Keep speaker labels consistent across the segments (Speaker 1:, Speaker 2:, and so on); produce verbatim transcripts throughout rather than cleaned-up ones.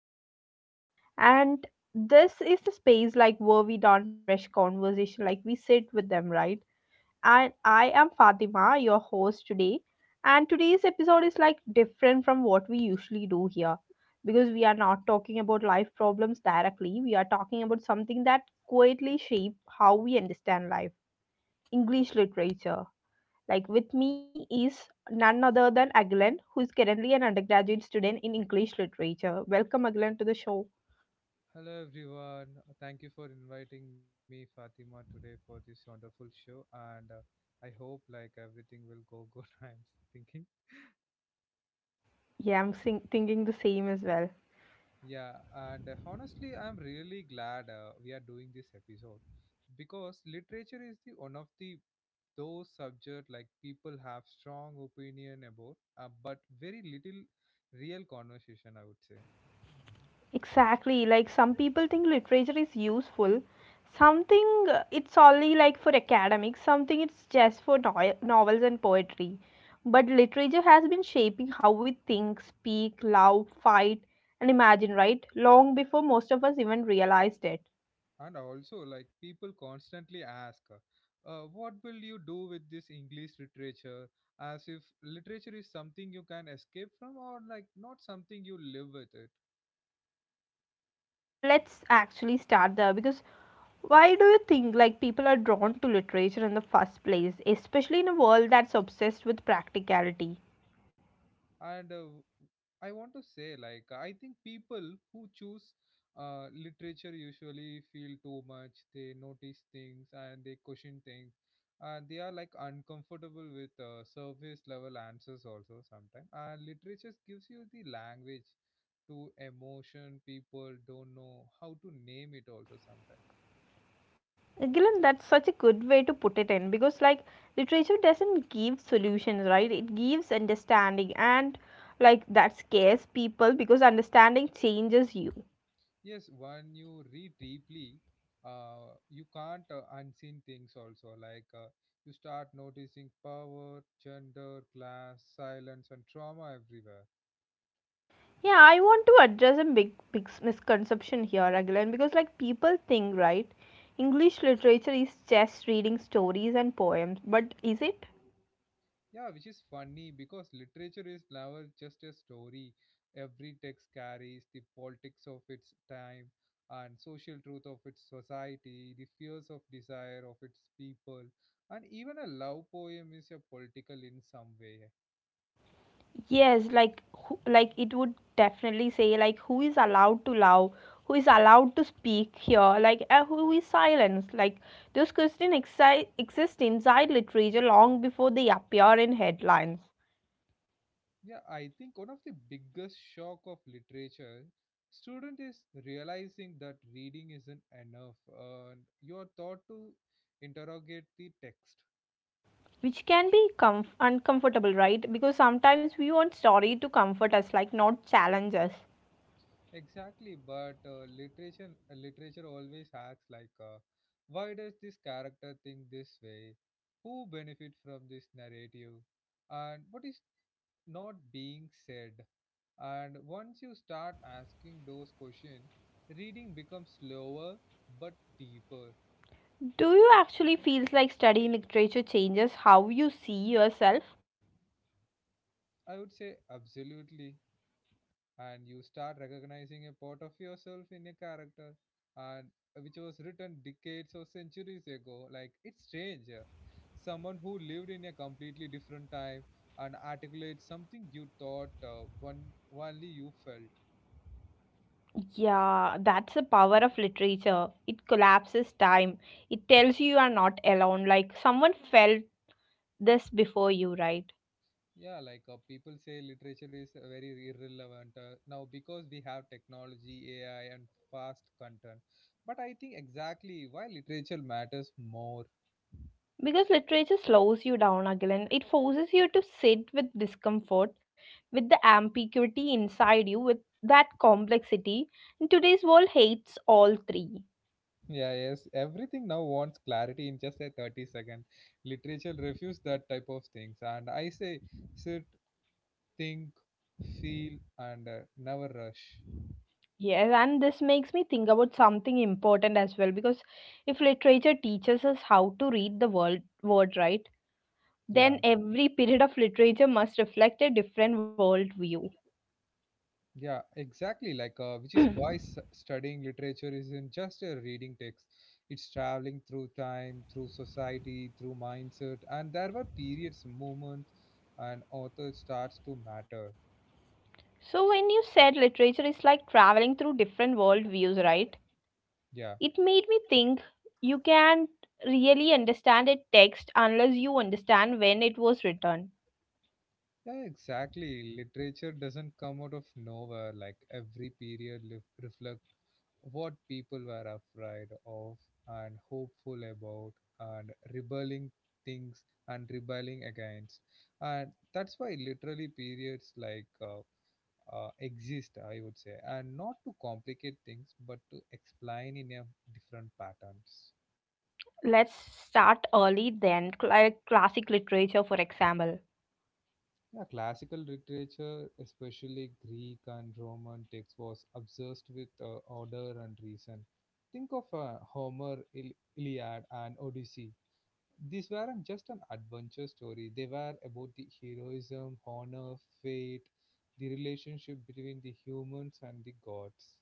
Speaker 1: once again. And this is the space like where we don't rush conversation, like we sit with them, right? And I am Fatima, your host today. And today's episode is like different from what we usually do here because we are not talking about life problems directly. We are talking about something that quietly shape how we understand life English literature. Like with me is none other than Aglan, who is currently an undergraduate student in English literature. Welcome, Aglan, to the show.
Speaker 2: Hello everyone. Thank you for inviting me Fatima today for this wonderful show, and uh, I hope like everything will go good. I'm thinking.
Speaker 1: Yeah, I'm sing- thinking the same as well.
Speaker 2: Yeah, and uh, honestly I'm really glad uh, we are doing this episode because literature is the one of the those subject like people have strong opinion about, uh, but very little real conversation, I would say.
Speaker 1: Exactly. Like some people think literature is useful. Something uh, it's only like for academics, something it's just for no- novels and poetry. But literature has been shaping how we think, speak, love, fight, and imagine, right? Long before most of us even realized it.
Speaker 2: And also, like, people constantly ask, uh, uh, what will you do with this English literature? As if literature is something you can escape from or, like, not something you live with it.
Speaker 1: Let's actually start there because why do you think like people are drawn to literature in the first place, especially in a world that's obsessed with practicality?
Speaker 2: And uh, I want to say, like, I think people who choose uh, literature usually feel too much. They notice things and they question things, and they are like uncomfortable with uh, surface level answers also sometimes. And literature gives you the language to emotion people don't know how to name it also sometimes.
Speaker 1: Uh, Gillian, that's such a good way to put it in because like literature doesn't give solutions, right? It gives understanding, and like that scares people because understanding changes you.
Speaker 2: Yes, when you read deeply, uh, you can't uh, unseen things also. Like, uh, you start noticing power, gender, class, silence, and trauma everywhere.
Speaker 1: Yeah, I want to address a big, big s- misconception here, Raglan, because like people think, right, English literature is just reading stories and poems, but is it?
Speaker 2: Yeah, which is funny because literature is never just a story. Every text carries the politics of its time and social truth of its society, the fears of desire of its people, and even a love poem is a political in some way.
Speaker 1: Yes, like who, like it would definitely say like who is allowed to love, who is allowed to speak here, like uh, who is silenced. Like those questions exi- exist inside literature long before they appear in headlines.
Speaker 2: Yeah, I think one of the biggest shock of literature student is realizing that reading isn't enough and you're taught to interrogate the text.
Speaker 1: Which can be comf- uncomfortable, right? Because sometimes we want story to comfort us, like not challenge us.
Speaker 2: Exactly, but uh, literature, uh, literature always acts like, uh, why does this character think this way? Who benefit from this narrative? And what is not being said? And once you start asking those questions, reading becomes slower but deeper.
Speaker 1: Do you actually feel like studying literature changes how you see yourself?
Speaker 2: I would say absolutely. And you start recognizing a part of yourself in a character and, uh, which was written decades or centuries ago. Like, it's strange. uh, Someone who lived in a completely different time and articulates something you thought uh, one only you felt.
Speaker 1: Yeah, that's the power of literature. It collapses time. It tells you you are not alone. Like someone felt this before you, right?
Speaker 2: Yeah, like, uh, people say literature is uh, very irrelevant uh, now because we have technology, A I, and fast content. But I think exactly why literature matters more.
Speaker 1: Because literature slows you down again. It forces you to sit with discomfort, with the ambiguity inside you, with that complexity. And today's world hates all three.
Speaker 2: Yeah, yes. Everything now wants clarity in just a thirty second. Literature refuse that type of things. And I say sit, think, feel, and uh, never rush.
Speaker 1: Yes, and this makes me think about something important as well. Because if literature teaches us how to read the world word right,
Speaker 2: Yeah,
Speaker 1: then every period of literature must reflect a different world view.
Speaker 2: yeah, exactly. Like, uh, which is why s- studying literature isn't just a reading text, it's traveling through time, through society, through mindset. And there were periods, moments, and author starts to matter.
Speaker 1: So when you said literature is like traveling through different world views, right?
Speaker 2: Yeah.
Speaker 1: It made me think you can't really understand a text unless you understand when it was written.
Speaker 2: Yeah, exactly. Literature doesn't come out of nowhere. Like, every period lif- reflect what people were afraid of and hopeful about and rebelling things and rebelling against. And that's why literally periods like uh, uh, exist, I would say, and not to complicate things, but to explain in a different patterns.
Speaker 1: Let's start early then, like classic literature, for example.
Speaker 2: Yeah, classical literature, especially Greek and Roman texts, was obsessed with uh, order and reason. Think of uh, Homer, Il- Iliad, and Odyssey. These weren't just an adventure story, they were about the heroism, honor, fate, the relationship between the humans and the gods.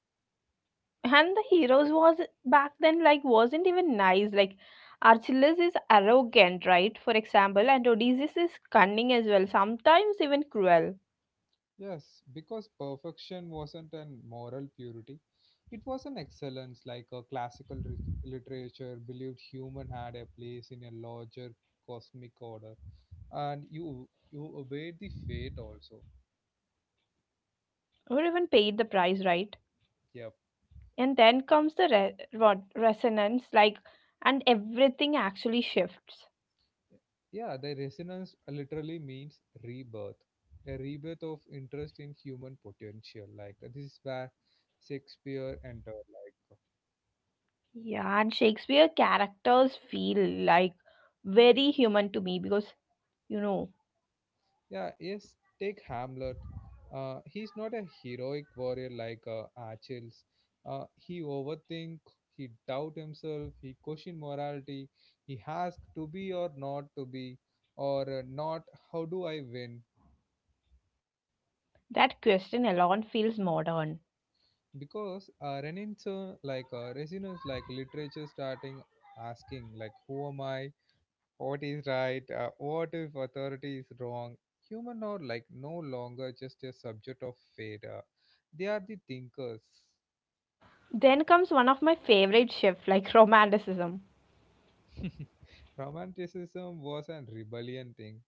Speaker 1: And the heroes was back then like wasn't even nice. Like Archelaus is arrogant, right? For example, and Odysseus is cunning as well, sometimes even cruel,
Speaker 2: Yes, because perfection wasn't an moral purity. It was an excellence, like a classical ri- literature believed human had a place in a larger cosmic order, and you you obeyed the fate also.
Speaker 1: or even paid the price, right?
Speaker 2: Yep.
Speaker 1: And then comes the re- ro- resonance, like, and everything actually shifts.
Speaker 2: Yeah, the resonance literally means rebirth, a rebirth of interest in human potential. Like, uh, this is where Shakespeare entered. Like,
Speaker 1: Yeah, and Shakespeare characters feel like very human to me because, you know,
Speaker 2: yeah, yes, take Hamlet. Uh, he's not a heroic warrior like, uh, Achilles. Uh, he overthink, he doubt himself, he question morality, he asks to be or not to be, or uh, not how do I win?
Speaker 1: that question alone feels modern.
Speaker 2: Because uh, Renaissance, like, uh, resonance, like literature starting asking like who am I? What is right? Uh, what if authority is wrong? Human are like no longer just a subject of fate. Uh, they are the thinkers.
Speaker 1: Then comes one of my favorite shifts, like romanticism.
Speaker 2: Romanticism was a rebellion thing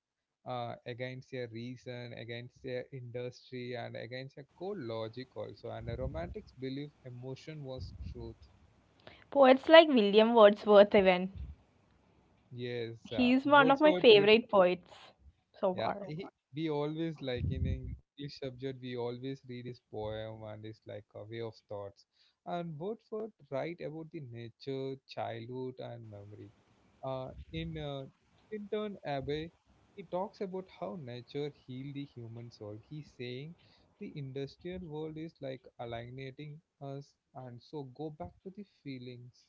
Speaker 2: uh, against a reason, against a industry, and against a core logic also. And a romantic's belief emotion was truth.
Speaker 1: Poets like William Wordsworth, even.
Speaker 2: Yes, uh,
Speaker 1: He's
Speaker 2: Yes,
Speaker 1: one of my
Speaker 2: Wordsworth.
Speaker 1: favorite poets so
Speaker 2: Yeah,
Speaker 1: far.
Speaker 2: he, we always like in English subject, we always read his poem and his like a way of thoughts. And Wordsworth write about the nature, childhood, and memory. Uh, in uh, Tinton Abbey, he talks about how nature healed the human soul. He's saying the industrial world is like alienating us, and so go back to the feelings.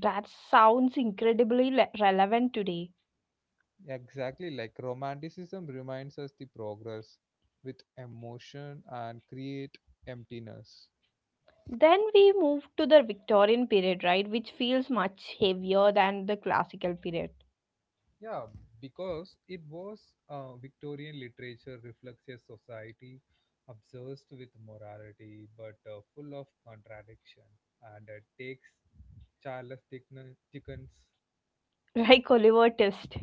Speaker 1: That sounds incredibly le- relevant today.
Speaker 2: Exactly, like romanticism reminds us the progress with emotion and create emptiness.
Speaker 1: Then we move to the Victorian period, right, which feels much heavier than the classical period,
Speaker 2: Yeah, because it was, uh, Victorian literature reflects a society obsessed with morality but uh, full of contradiction, and uh, takes Charles Dickens, Dickens
Speaker 1: like Oliver Twist.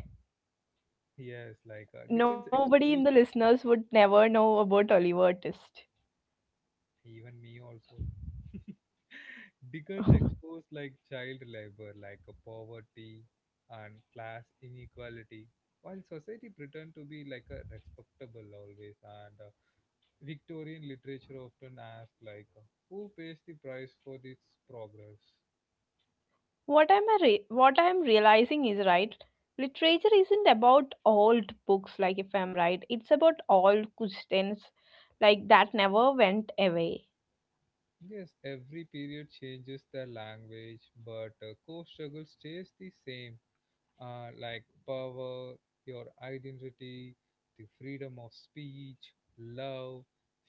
Speaker 2: yes, like, uh, Dickens
Speaker 1: Nobody in
Speaker 2: explores,
Speaker 1: the listeners would never know about Oliver Twist.
Speaker 2: even me also. Dickens exposed like child labor, like a poverty and class inequality, while society pretend to be like a respectable always. And uh, Victorian literature often asked like, uh, who pays the price for this progress?
Speaker 1: What I'm a re- what I'm realizing is right. Literature isn't about old books, like if I'm right. It's about old questions, like that never went away.
Speaker 2: Yes, every period changes the language, but uh, core struggle stays the same. Uh, like power, your identity, the freedom of speech, love,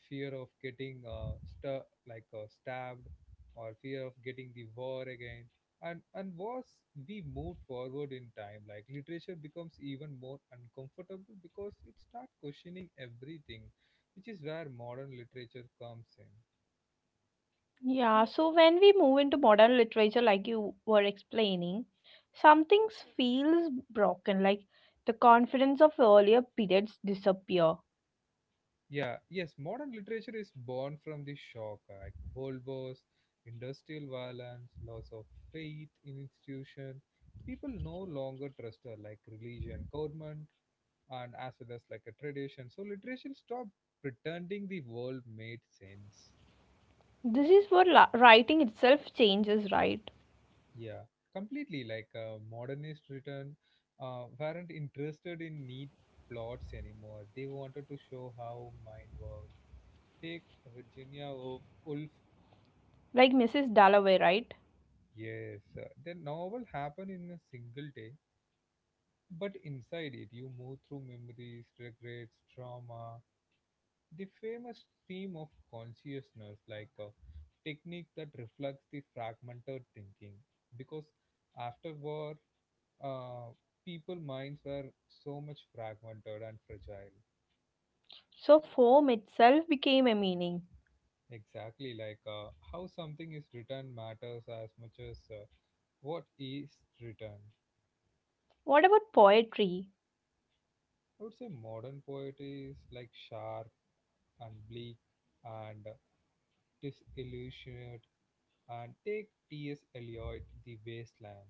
Speaker 2: fear of getting uh, stu- like uh, stabbed, or fear of getting the war again. And and was we moved forward in time, like literature becomes even more uncomfortable because it starts questioning everything, which is where modern literature comes in.
Speaker 1: Yeah. So when we move into modern literature, like you were explaining, something feels broken. Like the confidence of earlier periods disappear.
Speaker 2: Yeah, yes, modern literature is born from the shock, uh, like world wars, industrial violence, loss of faith in institution. People no longer trust her, like religion, government, and as well as like a tradition. So literature stopped pretending the world made sense.
Speaker 1: This is where la- writing itself changes, right?
Speaker 2: Yeah, completely like, uh, modernist written uh, weren't interested in neat plots anymore. They wanted to show how mind works. Take Virginia Woolf Woolf
Speaker 1: Like Missus Dalloway, right?
Speaker 2: Yes, uh, the novel happened in a single day, but inside it you move through memories, regrets, trauma, the famous stream of consciousness, like a technique that reflects the fragmented thinking. Because after war, uh, people minds were so much fragmented and fragile.
Speaker 1: So form itself became a meaning.
Speaker 2: Exactly, like, uh, how something is written matters as much as uh, what is written.
Speaker 1: What about poetry?
Speaker 2: I would say modern poetry is like sharp and bleak and disillusioned, and take T S. Eliot The Wasteland.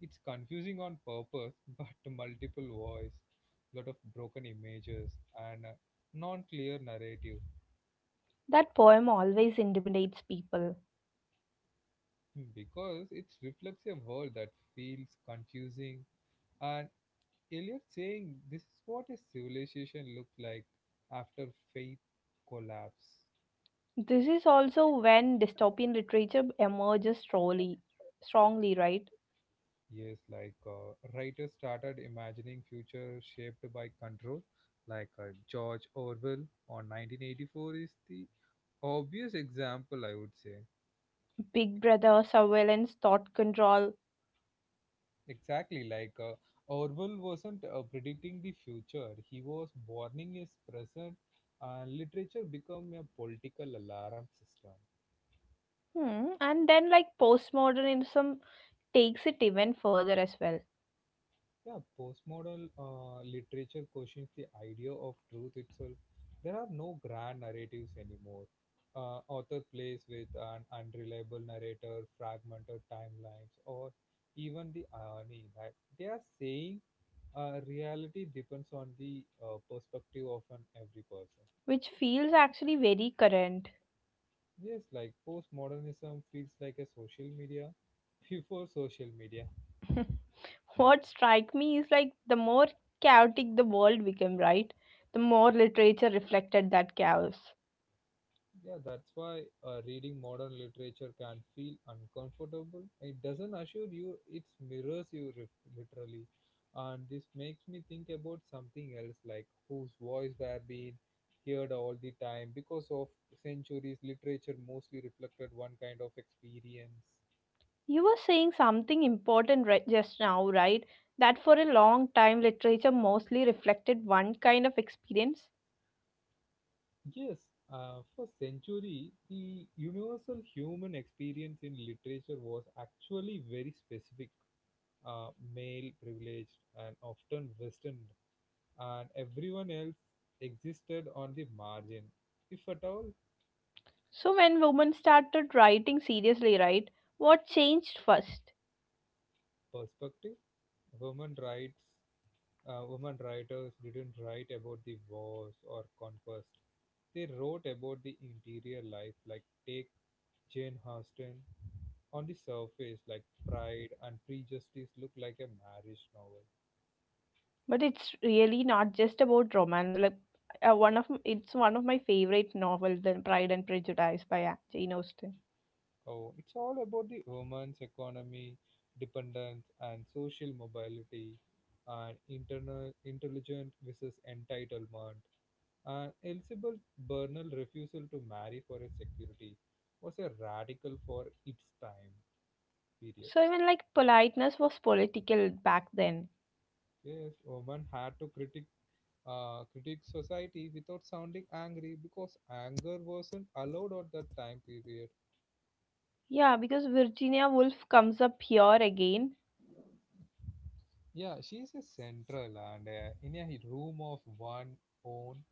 Speaker 2: It's confusing on purpose, but multiple voice, lot of broken images and a non-clear narrative.
Speaker 1: That poem always intimidates people.
Speaker 2: Hmm, because it reflects a world that feels confusing, and Eliot saying this is what a civilization looks like after faith collapse.
Speaker 1: This is also when dystopian literature emerges strongly, strongly, right?
Speaker 2: Yes, like, uh, writers started imagining future shaped by control, like, uh, George Orwell on nineteen eighty-four is the obvious example, I would say.
Speaker 1: Big brother, surveillance, thought control.
Speaker 2: Exactly, like, uh, Orwell wasn't uh, predicting the future; he was warning his present. Uh, literature become a political alarm system.
Speaker 1: Hmm. And then, like, postmodernism takes it even further as well,
Speaker 2: Yeah, postmodern uh, literature questions the idea of truth itself. There are no grand narratives anymore. Uh, author plays with an unreliable narrator, fragmented timelines, or even the irony that they are saying uh, reality depends on the uh, perspective of an every person.
Speaker 1: which feels actually very current.
Speaker 2: Yes, like postmodernism feels like a social media before social media.
Speaker 1: What strike me is like the more chaotic the world became, right? The more literature reflected that chaos.
Speaker 2: Yeah, that's why uh, reading modern literature can feel uncomfortable. It doesn't assure you, it mirrors you rif- literally. And this makes me think about something else like whose voice were being heard all the time. Because of centuries, literature mostly reflected one kind of experience.
Speaker 1: You were saying something important right just now, right? That for a long time, literature mostly reflected one kind of experience.
Speaker 2: Yes, uh, for century, the universal human experience in literature was actually very specific, uh, male privileged and often Western, and everyone else existed on the margin, if at all.
Speaker 1: So, when women started writing seriously, right, what changed first?
Speaker 2: Perspective: Women rights, uh, women writers didn't write about the wars or conquest. They wrote about the interior life, like take Jane Austen. On the surface, like Pride and Prejudice look like a marriage novel.
Speaker 1: But it's really not just about romance. Like, uh, one of m- it's one of my favorite novels, then Pride and Prejudice by uh, Jane Austen.
Speaker 2: Oh, it's all about the woman's economy, dependence, and social mobility, and internal intelligent versus entitlement. And Elizabeth Bernal's refusal to marry for his security was a radical for its time period.
Speaker 1: So even like politeness was political back then.
Speaker 2: Yes, women had to critic, uh, critique society without sounding angry because anger wasn't allowed at that time period.
Speaker 1: Yeah, because Virginia Woolf comes up here again.
Speaker 2: Yeah, she's a central and uh, in a room of one own,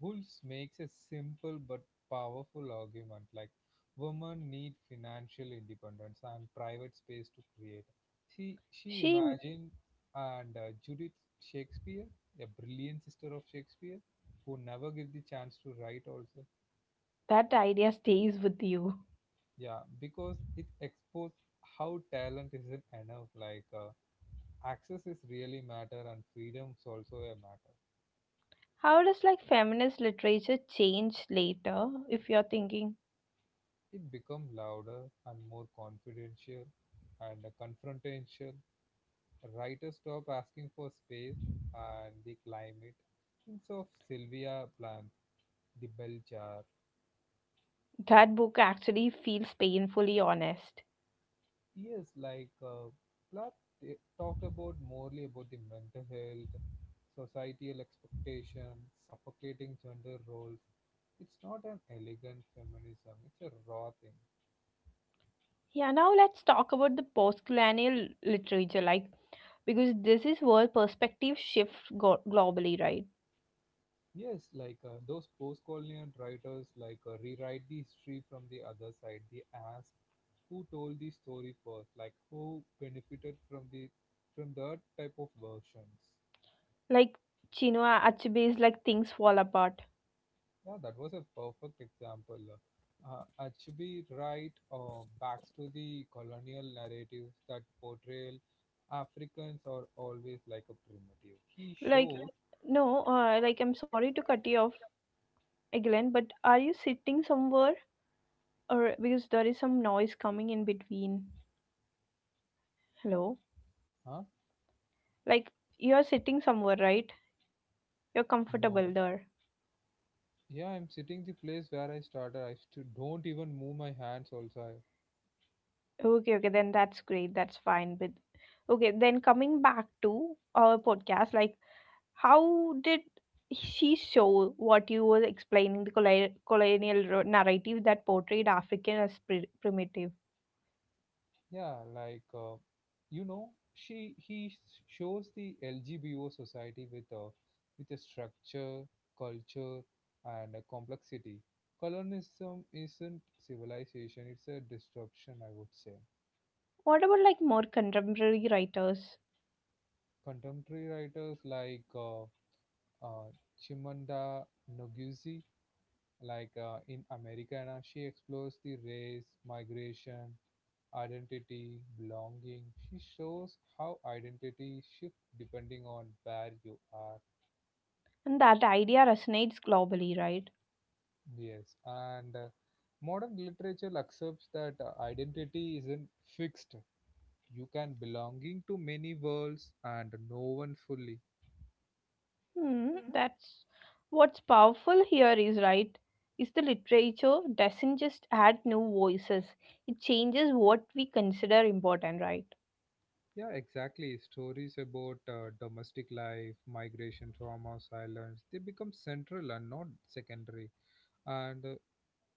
Speaker 2: Wolves makes a simple but powerful argument like women need financial independence and private space to create. She she
Speaker 1: She,
Speaker 2: imagined and uh, Judith Shakespeare, a brilliant sister of Shakespeare, who never get the chance to write also.
Speaker 1: that idea stays with you.
Speaker 2: Yeah, because it exposed how talent isn't enough. Like, uh, access is really matter and freedom's also a matter.
Speaker 1: How does like feminist literature change later if you're thinking
Speaker 2: It became louder and more confidential and confrontational. Writers stopped asking for space and the climate. Thinks of Sylvia Plath, the bell jar.
Speaker 1: that book actually feels painfully honest?
Speaker 2: Yes, like, uh, Plath t- talk about morely about the mental health, societal expectation, suffocating gender roles. It's not an elegant feminism. It's a raw thing.
Speaker 1: Yeah, now let's talk about the postcolonial literature like because this is where perspective shift go- globally, right?
Speaker 2: Yes, like, uh, those post-colonial writers like uh, rewrite the history from the other side. They ask who told the story first, like who benefited from the from that type of versions.
Speaker 1: Like Chinua Achebe's like things fall apart.
Speaker 2: Yeah, that was a perfect example. Uh, actually, right, uh, back to the colonial narratives that portrayal Africans are always like a primitive. He
Speaker 1: Like
Speaker 2: showed,
Speaker 1: no, uh, like I'm sorry to cut you off again, but are you sitting somewhere or because there is some noise coming in between? Hello,
Speaker 2: huh?
Speaker 1: like you're sitting somewhere, right? You're comfortable
Speaker 2: No.
Speaker 1: there.
Speaker 2: Yeah, I'm sitting the place where I started. I st- don't even move my hands also.
Speaker 1: Okay, okay, then that's great. That's fine. But okay, then coming back to our podcast, like how did she show what you were explaining the colli- colonial ro- narrative that portrayed African as pri- primitive?
Speaker 2: Yeah, like uh, you know, she he s- shows the L G B O society with a with a structure, culture, and a complexity. Colonialism isn't civilization; it's a disruption, I would say.
Speaker 1: What about like more contemporary writers?
Speaker 2: Contemporary writers like uh, uh, Chimamanda Ngozi, like uh, in Americana, she explores the race, migration, identity, belonging. She shows how identity shifts depending on where you are.
Speaker 1: And that idea resonates globally, right?
Speaker 2: Yes, and uh, modern literature accepts that uh, identity isn't fixed. You can belonging to many worlds and no one fully.
Speaker 1: Hmm, that's what's powerful here is right is the literature doesn't just add new voices, it changes what we consider important, right?
Speaker 2: Yeah, exactly. Stories about uh, domestic life, migration, trauma, silence, they become central and not secondary. And uh,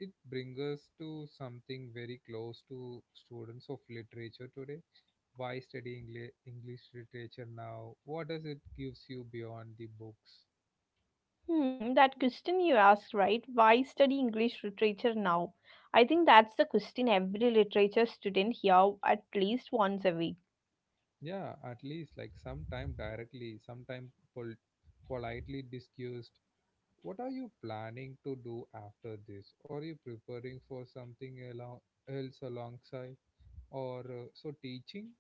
Speaker 2: it brings us to something very close to students of literature today. Why study Engli- English literature now? What does it gives you beyond the books?
Speaker 1: Hmm, that question you asked right why study English literature now, I think that's the question every literature student hear at least once a week.
Speaker 2: Yeah, at least like sometime directly, sometime pol- politely discussed. What are you planning to do after this? Are you preparing for something alo- else alongside? Or uh, so teaching?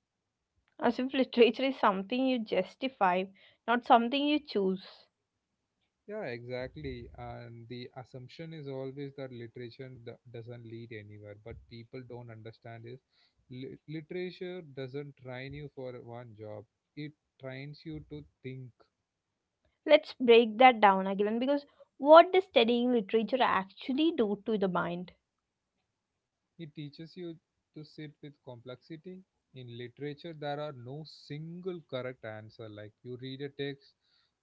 Speaker 1: As if literature is something you justify, not something you choose.
Speaker 2: Yeah, exactly. And the assumption is always that literature do- doesn't lead anywhere, but people don't understand is lit- literature doesn't train you for one job. It trains you to think.
Speaker 1: Let's break that down again because what does studying literature actually do to the mind,
Speaker 2: It teaches you to sit with complexity. In literature, there are no single correct answer. Like you read a text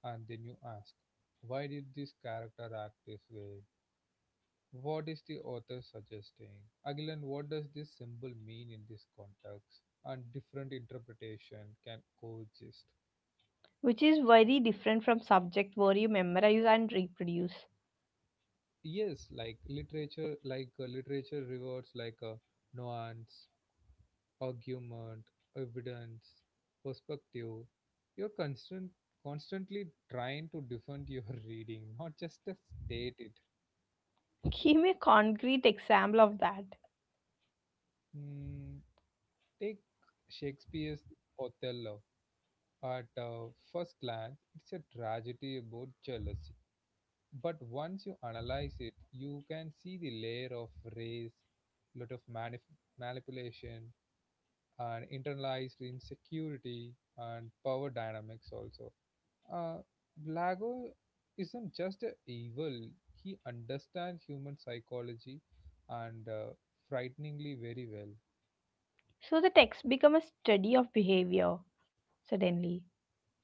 Speaker 2: and then you ask, why did this character act this way? What is the author suggesting? Agilan, what does this symbol mean in this context? And different interpretation can coexist.
Speaker 1: which is very different from subject where you memorize and reproduce.
Speaker 2: Yes, like literature, like uh, literature rewards like a nuance, argument, evidence, perspective. You're constant, constantly trying to defend your reading, not just to state it.
Speaker 1: Give me a concrete example of that.
Speaker 2: Hmm, take Shakespeare's Othello. At uh, first glance, it's a tragedy about jealousy. But once you analyze it, you can see the layer of race, lot of manip- manipulation, and internalized insecurity and power dynamics also. Uh, Blago isn't just a evil, he understands human psychology and uh, frighteningly very well.
Speaker 1: So the text become a study of behavior suddenly.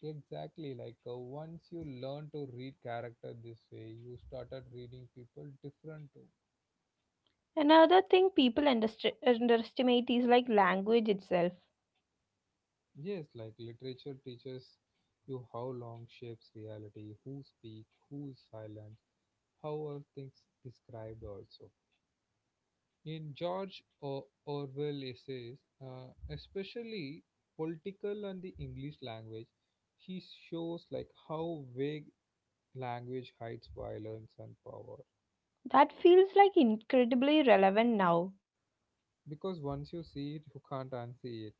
Speaker 2: Exactly, like uh, once you learn to read character this way, you started reading people different too.
Speaker 1: Another thing people underst- underestimate is like language itself.
Speaker 2: Yes, like literature teaches you how long shapes reality, who speak, who is silent, how are things described also. In George o- Orwell essays, uh, especially political and the English language, he shows like how vague language hides violence and power,
Speaker 1: That feels like incredibly relevant now.
Speaker 2: because once you see it you can't unsee it.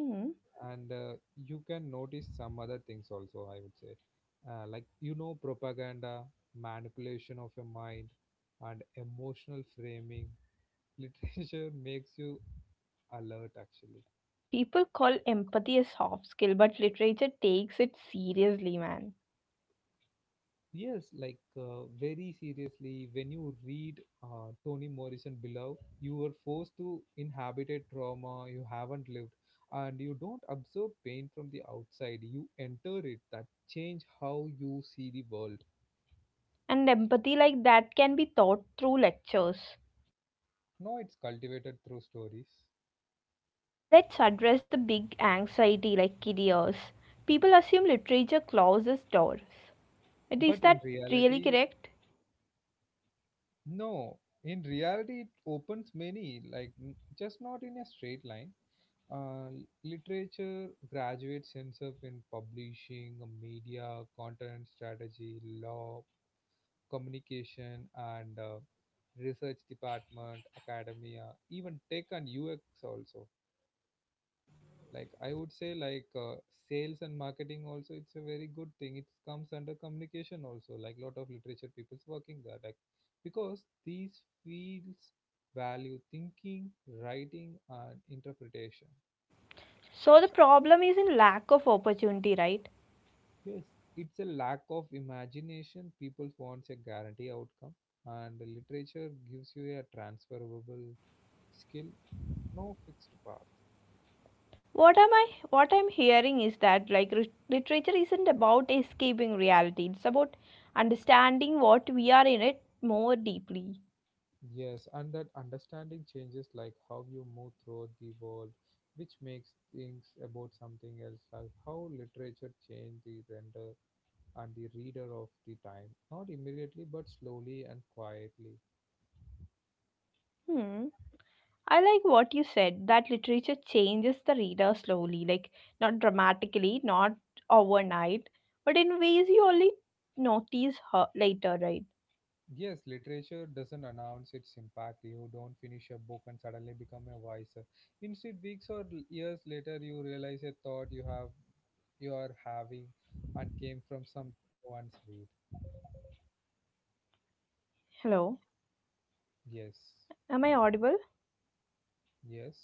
Speaker 1: Hmm.
Speaker 2: And uh, you can notice some other things also, I would say. Uh, like you know, propaganda, manipulation of your mind, and emotional framing. Literature makes you alert actually.
Speaker 1: People call empathy a soft skill, but literature takes it seriously, man.
Speaker 2: Yes, like uh, very seriously. When you read uh, Toni Morrison below, you are forced to inhabit a trauma you haven't lived, and you don't absorb pain from the outside, you enter it. That change how you see the world.
Speaker 1: And empathy like that can be taught through lectures.
Speaker 2: No, it's cultivated through stories.
Speaker 1: Let's address the big anxiety like careers. People assume literature closes doors. Is
Speaker 2: But in
Speaker 1: that really
Speaker 2: reality,
Speaker 1: correct?
Speaker 2: no. In reality, it opens many, like n- just not in a straight line. Uh, Literature graduates ends up in publishing, media, content strategy, law, communication, and uh, research department, academia, even tech and U X also. Like I would say like uh, sales and marketing also, it's a very good thing, it comes under communication also, like lot of literature people's working there, like because these fields value thinking, writing and interpretation.
Speaker 1: So the problem is in lack of opportunity, right?
Speaker 2: Yes, it's a lack of imagination. People wants a guarantee outcome, and the literature gives you a transferable skill, no fixed path.
Speaker 1: What am I what I'm hearing is that like re- literature isn't about escaping reality. It's about understanding what we are in it more deeply.
Speaker 2: Yes, and that understanding changes like how you move through the world, which makes things about something else, like how literature changed the render and the reader of the time, not immediately but slowly and quietly.
Speaker 1: Hmm. I like what you said that literature changes the reader slowly, like not dramatically, not overnight, but in ways you only notice her later, right?
Speaker 2: Yes, literature doesn't announce its impact. You don't finish a book and suddenly become a wiser. Instead, weeks or l- years later, you realize a thought you have, you are having, and came from something you read.
Speaker 1: Hello,
Speaker 2: Yes,
Speaker 1: am I audible?
Speaker 2: yes.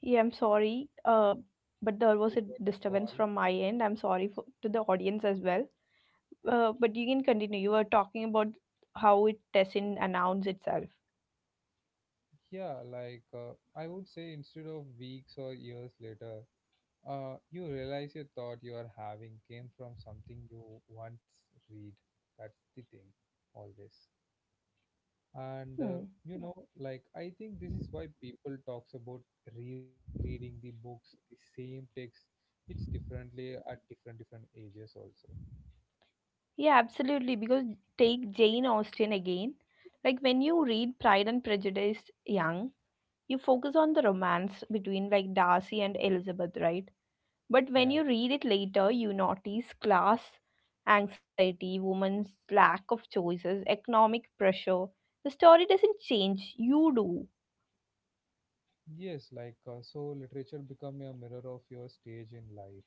Speaker 1: Yeah, I'm sorry, uh, but there was a
Speaker 2: What a
Speaker 1: disturbance
Speaker 2: call.
Speaker 1: from my end. I'm sorry for, to the audience as well. Uh, but you can continue. You were talking about how it doesn't announce itself.
Speaker 2: Yeah, like uh, I would say instead of weeks or years later, uh, you realize your thought you are having came from something you once read. That's the thing, always. And uh,
Speaker 1: Hmm.
Speaker 2: you know, like I think this is why people talks about rereading the books, the same text, it's differently at different different ages also.
Speaker 1: Yeah, absolutely. Because take Jane Austen again. Like when you read Pride and Prejudice young, you focus on the romance between like Darcy and Elizabeth, right? But when
Speaker 2: Yeah.
Speaker 1: you read it later, you notice class anxiety, women's lack of choices, economic pressure. The story doesn't change, you do.
Speaker 2: Yes, like uh, so literature become a mirror of your stage in life.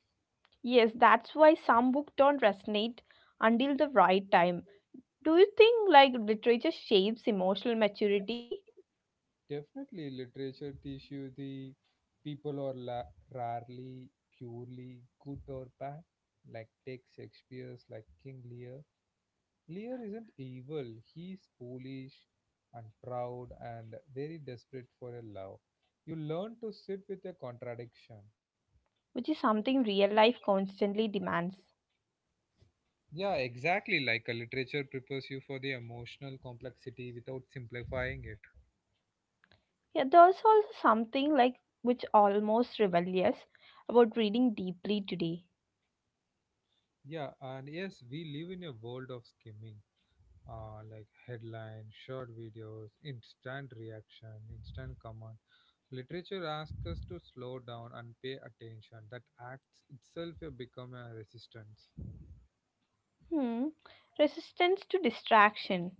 Speaker 1: Yes, that's why some books don't resonate until the right time. Do you think like literature shapes emotional maturity,
Speaker 2: Definitely, literature teaches you the people are la- rarely purely good or bad. Like take Shakespeare's like King Lear. Lear isn't evil. He's foolish and proud and very desperate for a love. You learn to sit with a contradiction.
Speaker 1: which is something real life constantly demands?
Speaker 2: Yeah, exactly. Like a literature prepares you for the emotional complexity without simplifying it.
Speaker 1: Yeah, there's also something like which almost rebellious about reading deeply today.
Speaker 2: Yeah, and yes, we live in a world of skimming. Uh, like headline, short videos, instant reaction, instant comment. Literature asks us to slow down and pay attention. That acts itself have become a resistance.
Speaker 1: Hmm. Resistance to distraction.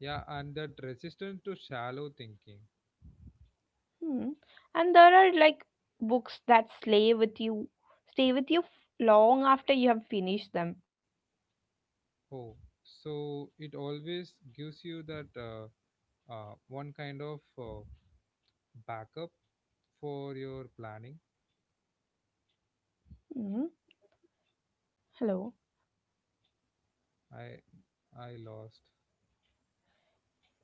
Speaker 2: Yeah, and that resistance to shallow thinking.
Speaker 1: Hmm. And there are like books that slay with you, stay with you f- long after you have finished them.
Speaker 2: Oh, so it always gives you that uh, uh, one kind of uh, backup for your planning.
Speaker 1: Hmm. Hello.
Speaker 2: I I lost.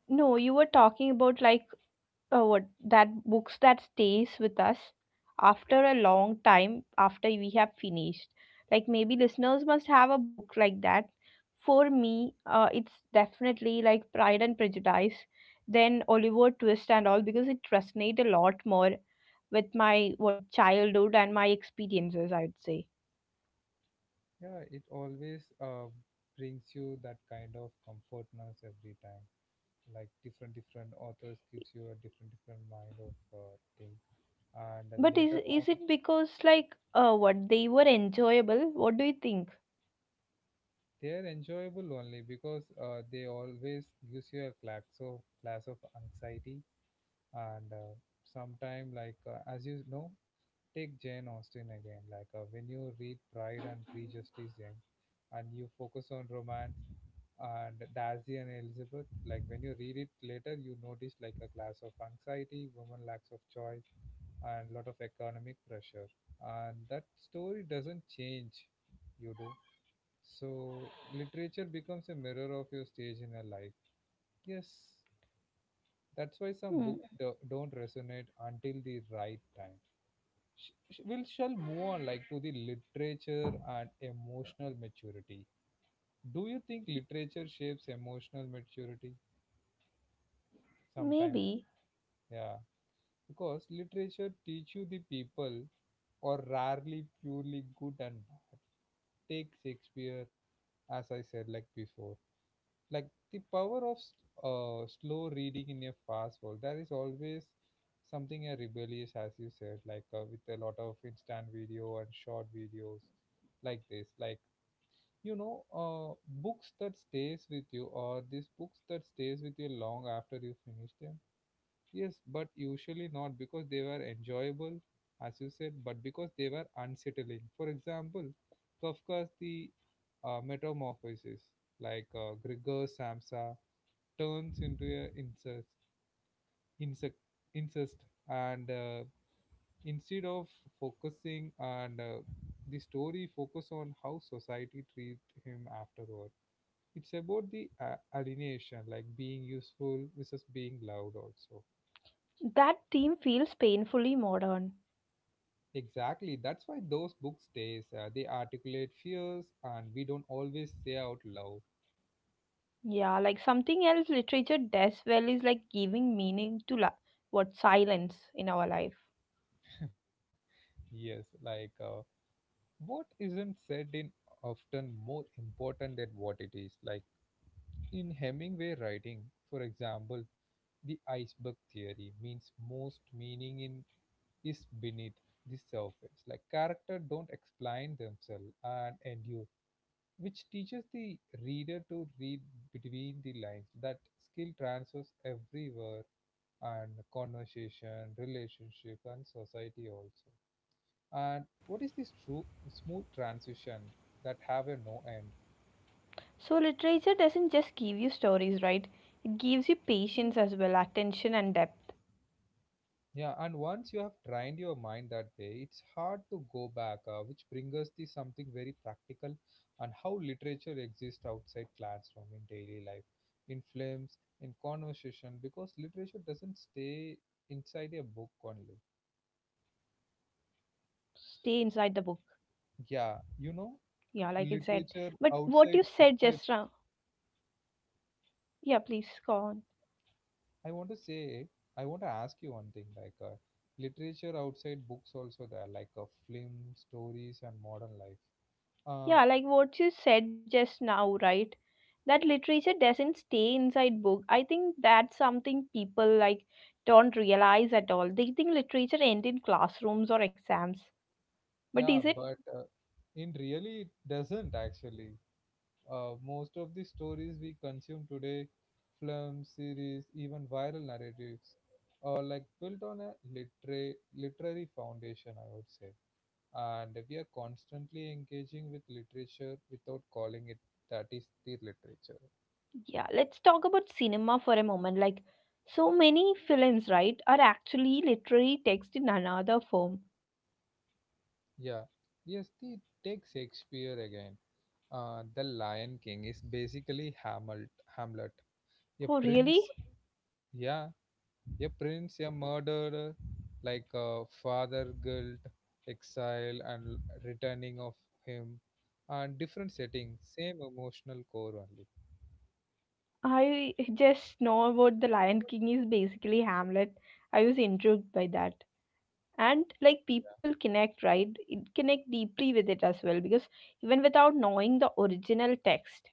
Speaker 1: No, you were talking about like uh, what that books that stays with us after a long time after we have finished, like maybe listeners must have a book like that. For me uh, it's definitely like Pride and Prejudice, then Oliver Twist and all because it resonate a lot more with my what childhood and my experiences I would say.
Speaker 2: Yeah, it always uh, brings you that kind of comfortness every time. Like different different authors gives you a different different mind of uh, thing, and
Speaker 1: But is
Speaker 2: later on
Speaker 1: is it because like uh, what they were enjoyable, what do you think?
Speaker 2: they're enjoyable only because uh, they always gives you a class of class of anxiety. And uh, sometime like uh, as you know, take Jane Austen again. Like uh, when you read Pride and Prejudice Jane, and you focus on romance and Darcy and Elizabeth, like when you read it later, you notice like a class of anxiety, woman lacks of choice, and lot of economic pressure. And that story doesn't change, you do. So literature becomes a mirror of your stage in your life. Yes, that's why some
Speaker 1: Hmm,
Speaker 2: books do- don't resonate until the right time. Sh- sh- we shall move on like to the literature and emotional maturity. Do you think literature shapes emotional maturity sometimes?
Speaker 1: maybe.
Speaker 2: Yeah, because literature teach you the people or rarely purely good and bad. Take Shakespeare, as I said like before, like the power of s- uh, slow reading in a fast world. There is always something a rebellious, as you said, like uh, with a lot of instant video and short videos like this. Like you know, uh, books that stays with you, or these books that stays with you long after you finish them. Yes, but usually not because they were enjoyable, as you said, but because they were unsettling. For example, Kafka's the uh, metamorphosis. like uh, Gregor Samsa turns into a incest, insect, incest. And uh, instead of focusing and uh, the story focus on how society treat him afterward, it's about the a- alienation, like being useful versus being loud also.
Speaker 1: That theme feels painfully modern.
Speaker 2: Exactly. That's why those books stays. Uh, they articulate fears and we don't always say out loud.
Speaker 1: Yeah, like something else literature does well is like giving meaning to la- what silence in our life.
Speaker 2: Yes, like uh, what isn't said in often more important than what it is. Like in Hemingway writing, for example, the iceberg theory means most meaning in is beneath the surface. Like character don't explain themselves and endure, which teaches the reader to read between the lines. That skill transfers everywhere and conversation, relationship, and society also. And what is this true smooth transition that have a no end?
Speaker 1: So literature doesn't just give you stories, right? It gives you patience as well, attention and depth.
Speaker 2: Yeah, and once you have trained your mind that way, it's hard to go back, uh, which brings us to something very practical and how literature exists outside classroom in daily life, in films, in conversation, because literature doesn't stay inside a book only.
Speaker 1: Stay inside the book. Yeah, like
Speaker 2: Yeah,
Speaker 1: I
Speaker 2: you
Speaker 1: said.
Speaker 2: know,
Speaker 1: But what you
Speaker 2: literature
Speaker 1: said just
Speaker 2: outside,
Speaker 1: now.
Speaker 2: outside.
Speaker 1: Yeah, please go on.
Speaker 2: I want to say, I want to ask you one thing, like uh, literature outside books also there, like uh, film, stories, and modern life. Uh,
Speaker 1: Yeah, like what you said just now, right? That literature doesn't stay inside book. I think that's something people like don't realize at all. They think literature end in classrooms or exams. But is
Speaker 2: Yeah,
Speaker 1: it?
Speaker 2: but uh, in really it doesn't actually. Uh, most of the stories we consume today, films, series, even viral narratives, are like built on a literary literary foundation, I would say. And we are constantly engaging with literature without calling it that is the literature.
Speaker 1: Yeah, let's talk about cinema for a moment. Like so many films, right, are actually literary text in another form.
Speaker 2: Yeah. Yes, the take Shakespeare again. Uh, The Lion King is basically Hamlet, Hamlet, a
Speaker 1: Oh,
Speaker 2: prince.
Speaker 1: really?
Speaker 2: Yeah, a prince, a murderer, like a father guilt, exile, and l- returning of him, and different settings, same emotional core only.
Speaker 1: I just know about The Lion King is basically Hamlet. I was intrigued by that. And like people connect, right? It connect deeply with it as well because even without knowing the original text.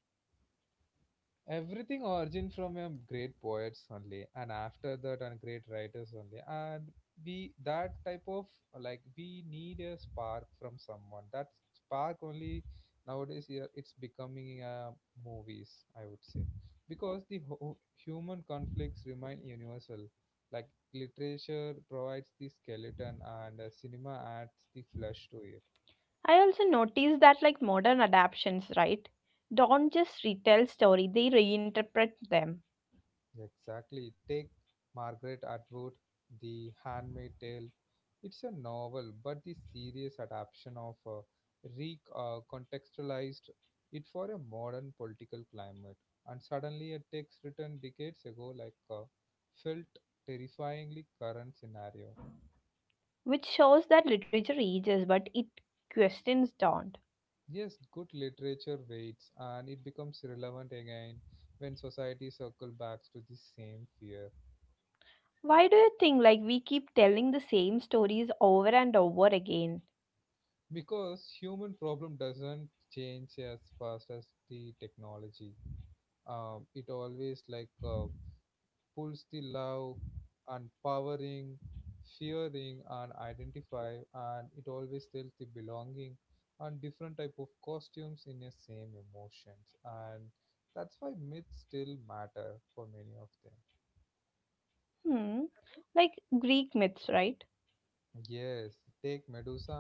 Speaker 2: Everything origin from a great poets only, and after that and great writers only, and we that type of, like we need a spark from someone, that spark only. Nowadays yeah, it's becoming uh, movies, I would say, because the ho- human conflicts remain universal. Like literature provides the skeleton and uh, cinema adds the flesh to it.
Speaker 1: I also noticed that like modern adaptations, right, don't just retell story, they reinterpret them.
Speaker 2: Exactly. Take Margaret Atwood, The Handmaid's Tale. It's a novel, but the serious adaptation of uh, recontextualized it for a modern political climate. And suddenly, a text written decades ago, like uh, felt terrifyingly current scenario.
Speaker 1: Which shows that literature ages but it questions don't.
Speaker 2: Yes, good literature waits, and it becomes relevant again when society circle back to the same fear.
Speaker 1: Why do you think like we keep telling the same stories over and over again?
Speaker 2: Because human problem doesn't change as fast as the technology. Um, it always like uh, pulls the love and powering fearing and identify, and it always tells the belonging and different type of costumes in the same emotions, and that's why myths still matter for many of them.
Speaker 1: Hmm, like Greek myths, right?
Speaker 2: Yes, take Medusa,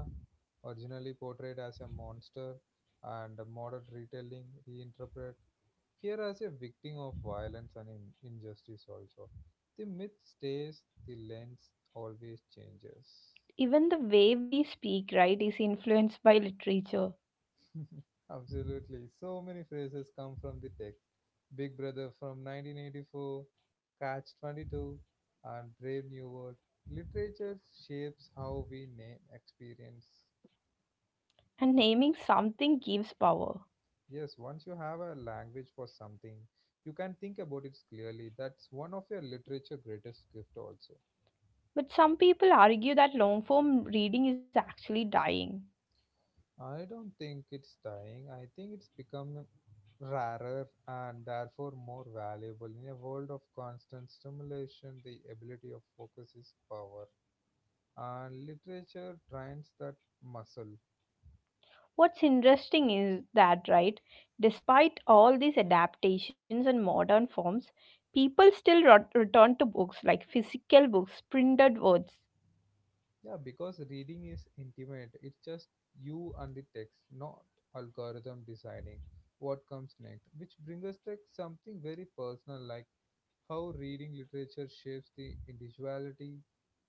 Speaker 2: originally portrayed as a monster, and a modern retelling reinterpret here as a victim of violence and in- injustice, also the myth stays, the lens always changes.
Speaker 1: Even the way we speak, right, is influenced by literature.
Speaker 2: Absolutely. So many phrases come from the text. Big Brother from nineteen eighty-four, Catch twenty-two, and Brave New World. Literature shapes how we name experience.
Speaker 1: And naming something gives power.
Speaker 2: Yes, once you have a language for something, you can think about it clearly. That's one of your literature greatest gift also.
Speaker 1: But some people argue that long form reading is actually dying.
Speaker 2: I don't think it's dying. I think it's become rarer and therefore more valuable. In a world of constant stimulation, the ability of focus is power, and literature trains that muscle.
Speaker 1: What's interesting is that, right, despite all these adaptations and modern forms, people still rot- return to books, like physical books, printed words.
Speaker 2: Yeah, because reading is intimate. It's just you and the text, not algorithm deciding what comes next, which brings us to something very personal, like how reading literature shapes the individuality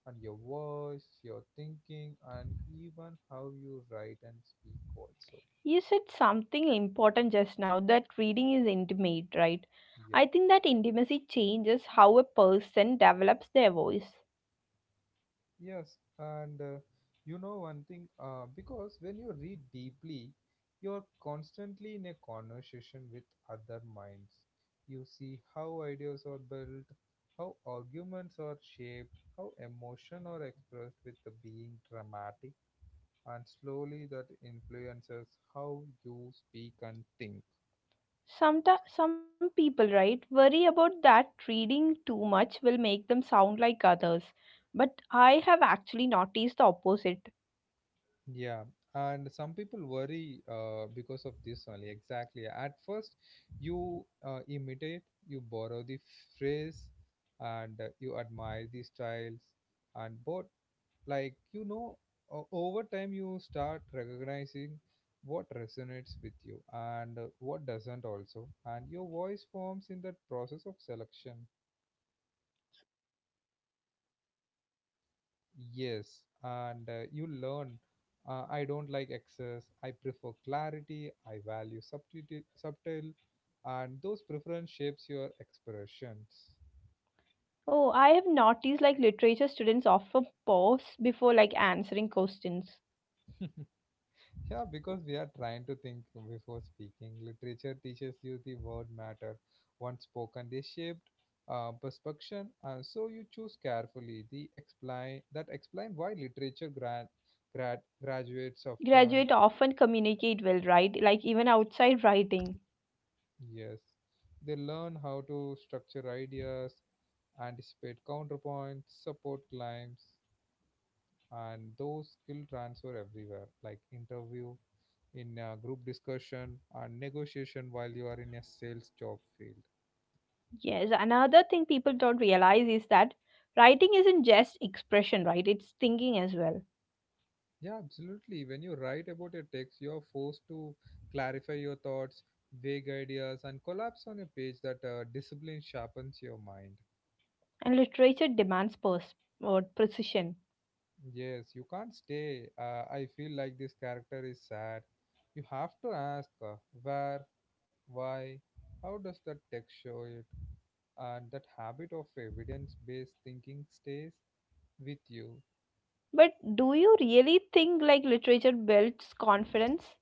Speaker 2: and your voice, your thinking, and even how you write and speak also.
Speaker 1: You said something important just now that reading is intimate, right?
Speaker 2: Yep.
Speaker 1: I think that intimacy changes how a person develops their voice.
Speaker 2: Yes, and uh, you know one thing, uh, because when you read deeply, you're constantly in a conversation with other minds. You see how ideas are built, how arguments are shaped, how emotion are expressed with the being dramatic, and slowly that influences how you speak and think.
Speaker 1: Some, some people, right, worry about that reading too much will make them sound like others. But I have actually noticed the opposite.
Speaker 2: Yeah, and some people worry uh, because of this only. Exactly. At first, you uh, imitate, you borrow the phrase, and uh, you admire the styles, and but like you know, o- over time you start recognizing what resonates with you, and uh, what doesn't also, and your voice forms in that process of selection.
Speaker 1: So it's not copying, it's refining, right?
Speaker 2: Yes, and uh, you learn. Uh, I don't like excess. I prefer clarity. I value subtlety, subtle, and those preference shapes your expressions.
Speaker 1: Oh, I have noticed like literature students often pause before like answering questions.
Speaker 2: Yeah, because we are trying to think before speaking. Literature teaches you the word matter. Once spoken, they shaped uh, perception, and so you choose carefully. The explain that explain why literature grad, grad graduates often.
Speaker 1: Graduate often communicate well, right? Like even outside writing.
Speaker 2: Yes, they learn how to structure ideas, anticipate counterpoints, support climbs, and those skill transfer everywhere, like interview, in a group discussion, and negotiation while you are in a sales job field.
Speaker 1: Yes, another thing people don't realize is that writing isn't just expression, right? It's thinking as well.
Speaker 2: Yeah, absolutely. When you write about a text, you are forced to clarify your thoughts, vague ideas, and collapse on a page that uh, discipline sharpens your mind.
Speaker 1: And literature demands pers- or precision.
Speaker 2: Yes, you can't stay. Uh, I feel like this character is sad. You have to ask uh, where, why, how does the text show it, and that habit of evidence based thinking stays with you.
Speaker 1: But do you really think like literature builds confidence?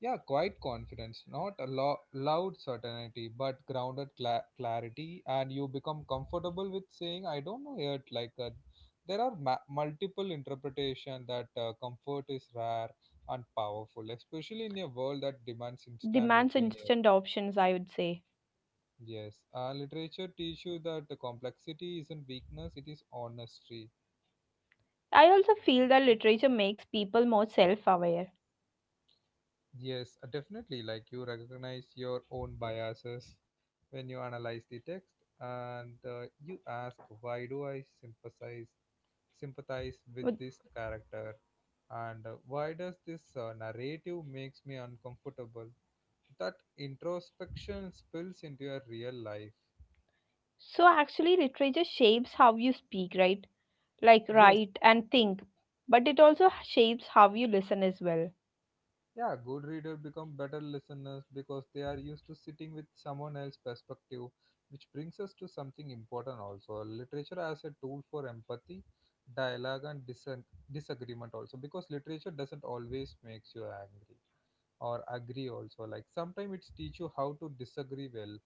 Speaker 2: Yeah, quiet confidence, not a lo- loud certainty, but grounded cla- clarity, and you become comfortable with saying, "I don't know yet." Like uh, there are ma- multiple interpretation that uh, comfort is rare and powerful, especially in a world that demands instant
Speaker 1: Demands
Speaker 2: opinion.
Speaker 1: instant options, I would say.
Speaker 2: Yes, uh, literature teaches you that the complexity isn't weakness; it is honesty.
Speaker 1: I also feel that literature makes people more self-aware.
Speaker 2: Yes, uh, definitely. Like you recognize your own biases when you analyze the text, and uh, you ask, "Why do I sympathize sympathize with
Speaker 1: With-
Speaker 2: this character?" And uh, why does this uh, narrative makes me uncomfortable? That introspection spills into your real life.
Speaker 1: so actually literature shapes how you speak, right? Like
Speaker 2: Yes.
Speaker 1: write and think. But it also shapes how you listen as well.
Speaker 2: Yeah, good reader become better listeners because they are used to sitting with someone else's perspective, which brings us to something important also. Literature as a tool for empathy, dialogue, and disen- disagreement also, because literature doesn't always makes you angry or agree also. Like sometimes it's teach you how to disagree well.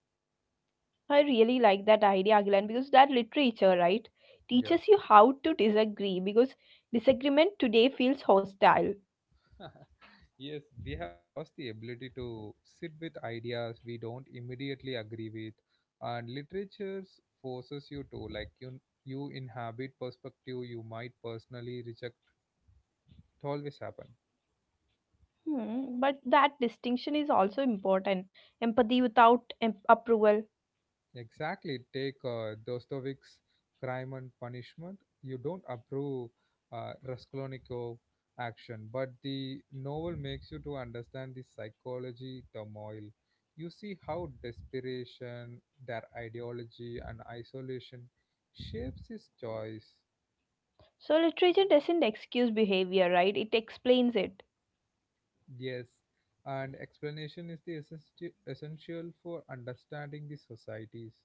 Speaker 1: I really like that idea, Agilan, because that literature, right,
Speaker 2: Yeah.
Speaker 1: teaches you how to disagree because disagreement today feels hostile.
Speaker 2: Yes, we have lost the ability to sit with ideas we don't immediately agree with, and literature forces you to like you you inhabit perspective you might personally reject. It always happen.
Speaker 1: Hmm, but that distinction is also important. Empathy without em- approval.
Speaker 2: Exactly. Take uh, Dostoevsky's Crime and Punishment. You don't approve uh, Raskolnikov action, but the novel makes you to understand the psychology turmoil. You see how desperation, their ideology, and isolation shapes his choice.
Speaker 1: So literature doesn't excuse behavior, right? It explains it.
Speaker 2: Yes, and explanation is the essentia- essential for understanding the societies.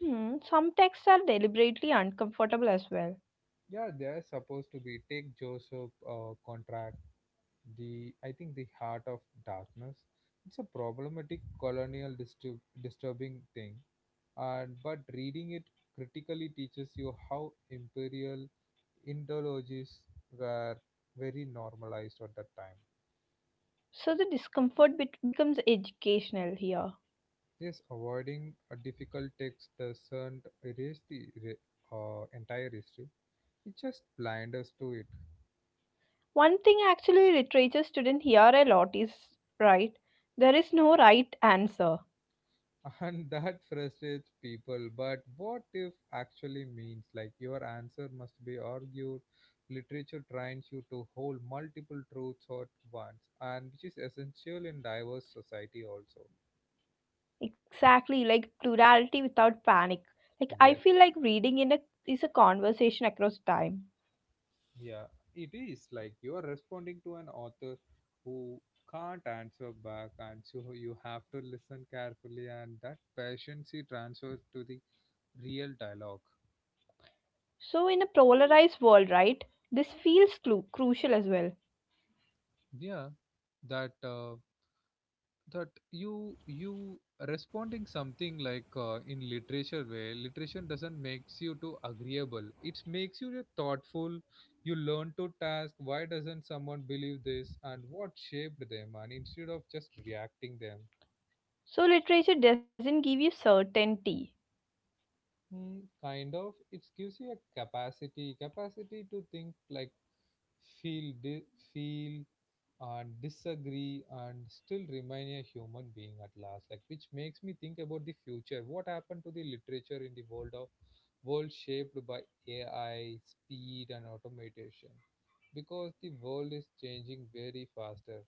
Speaker 1: Hmm, some texts are deliberately uncomfortable as well.
Speaker 2: Yeah, they are supposed to be. Take Joseph uh, Conrad, the I think the Heart of Darkness. It's a problematic colonial disturb, disturbing thing, and but reading it critically teaches you how imperial ideologies were very normalized at that time.
Speaker 1: So the discomfort bet- becomes educational here.
Speaker 2: Yes, avoiding a difficult text doesn't erase the re- uh, entire history; it just blinds us to it.
Speaker 1: One thing actually literature students hear a lot is right. There is no right answer.
Speaker 2: And that frustrates people, but what if actually means like your answer must be argued. Literature trains you to hold multiple truths at once, and which is essential in diverse society also.
Speaker 1: Exactly, like plurality without panic. Like I
Speaker 2: Yes.
Speaker 1: feel like reading in a is a conversation across time.
Speaker 2: Yeah, it is like you are responding to an author who can't answer back, and so you have to listen carefully, and that patience he transfers to the real dialogue.
Speaker 1: So, in a polarized world, right, this feels clu- crucial as well.
Speaker 2: Yeah, that uh, that you you responding something like uh, in literature way, literature doesn't makes you too agreeable, it makes you a thoughtful. You learn to task why doesn't someone believe this and what shaped them, and instead of just reacting them.
Speaker 1: So, literature doesn't give you certainty.
Speaker 2: Mm, kind of. It gives you a capacity, capacity to think, like feel, di- feel, and disagree, and still remain a human being at last. Like, which makes me think about the future. What happened to the literature in the world of world shaped by A I, speed, and automation? Because the world is changing very faster.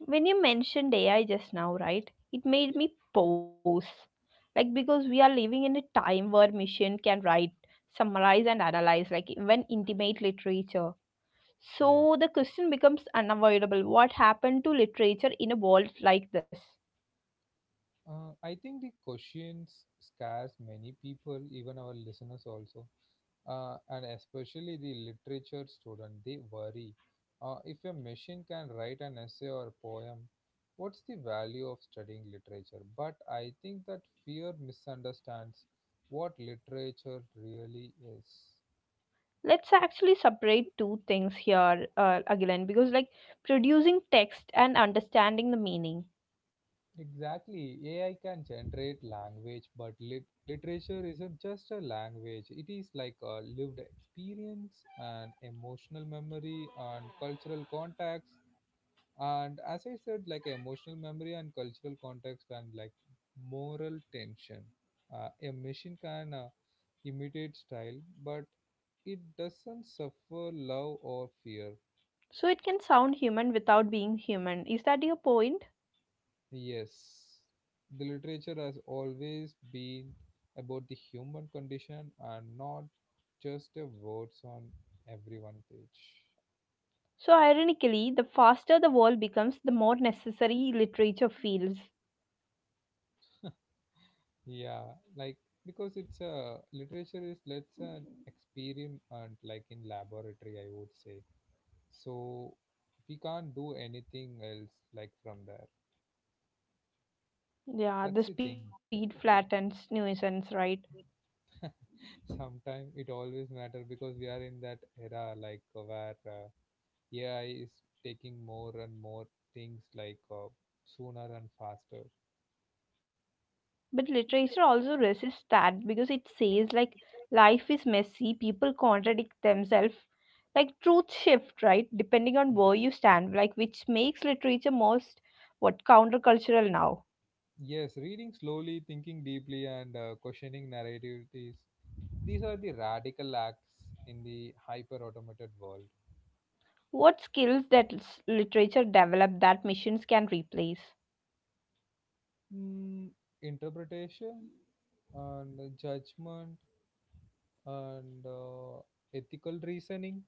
Speaker 1: When you mentioned A I just now, right, it made me pause. Like, because we are living in a time where machine can write, summarize, and analyze, like, even intimate literature.
Speaker 2: Yeah.
Speaker 1: So, the question becomes unavoidable, what happened to literature in a world like this?
Speaker 2: Uh, I think the questions scares many people, even our listeners also. Uh, and especially the literature student, they worry. Uh, if a machine can write an essay or a poem, what's the value of studying literature? But I think that fear misunderstands what literature really is.
Speaker 1: Let's actually separate two things here, uh, again, because like producing text and understanding the meaning.
Speaker 2: Exactly, A I can generate language, but lit- literature isn't just a language, it is like a lived experience and emotional memory and cultural context. And as I said, like emotional memory and cultural context and like moral tension. Uh, a machine can uh, imitate style, but it doesn't suffer love or fear.
Speaker 1: So it can sound human without being human, is that your point?
Speaker 2: Yes, the literature has always been about the human condition and not just a words on every one page.
Speaker 1: So ironically the faster the world becomes, the more necessary literature feels.
Speaker 2: Yeah, like because it's a literature is let's an experiment like in laboratory I would say, so we can't do anything else like from there. That's the
Speaker 1: Yeah,
Speaker 2: thing.
Speaker 1: the speed flattens nuisance, right?
Speaker 2: Sometimes it always matter because we are in that era, like uh, where uh, AI is taking more and more things, like uh, sooner and faster.
Speaker 1: But literature also resists that because it says like life is messy, people contradict themselves. Like truth shift, right? Depending on
Speaker 2: Yeah.
Speaker 1: where you stand, like which makes literature most. What countercultural now.
Speaker 2: Yes, reading slowly, thinking deeply, and uh, questioning narrativities. These are the radical acts in the hyper automated world.
Speaker 1: What skills that s- literature develop that machines can replace?
Speaker 2: Mm, interpretation and judgment and uh, ethical reasoning.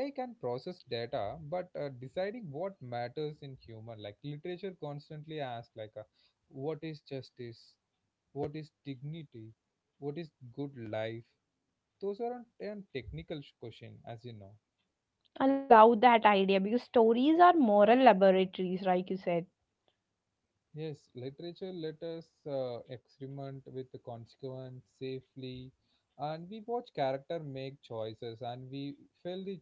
Speaker 2: AI can process data, but uh, deciding what matters in human, like literature constantly asks, like uh, what is justice, what is dignity, what is good life. Those aren't an technical sh- question, as you know.
Speaker 1: I love that idea because stories are moral laboratories, like you said.
Speaker 2: Yes, literature let us uh, experiment with the consequence safely, and we watch character make choices, and we feel the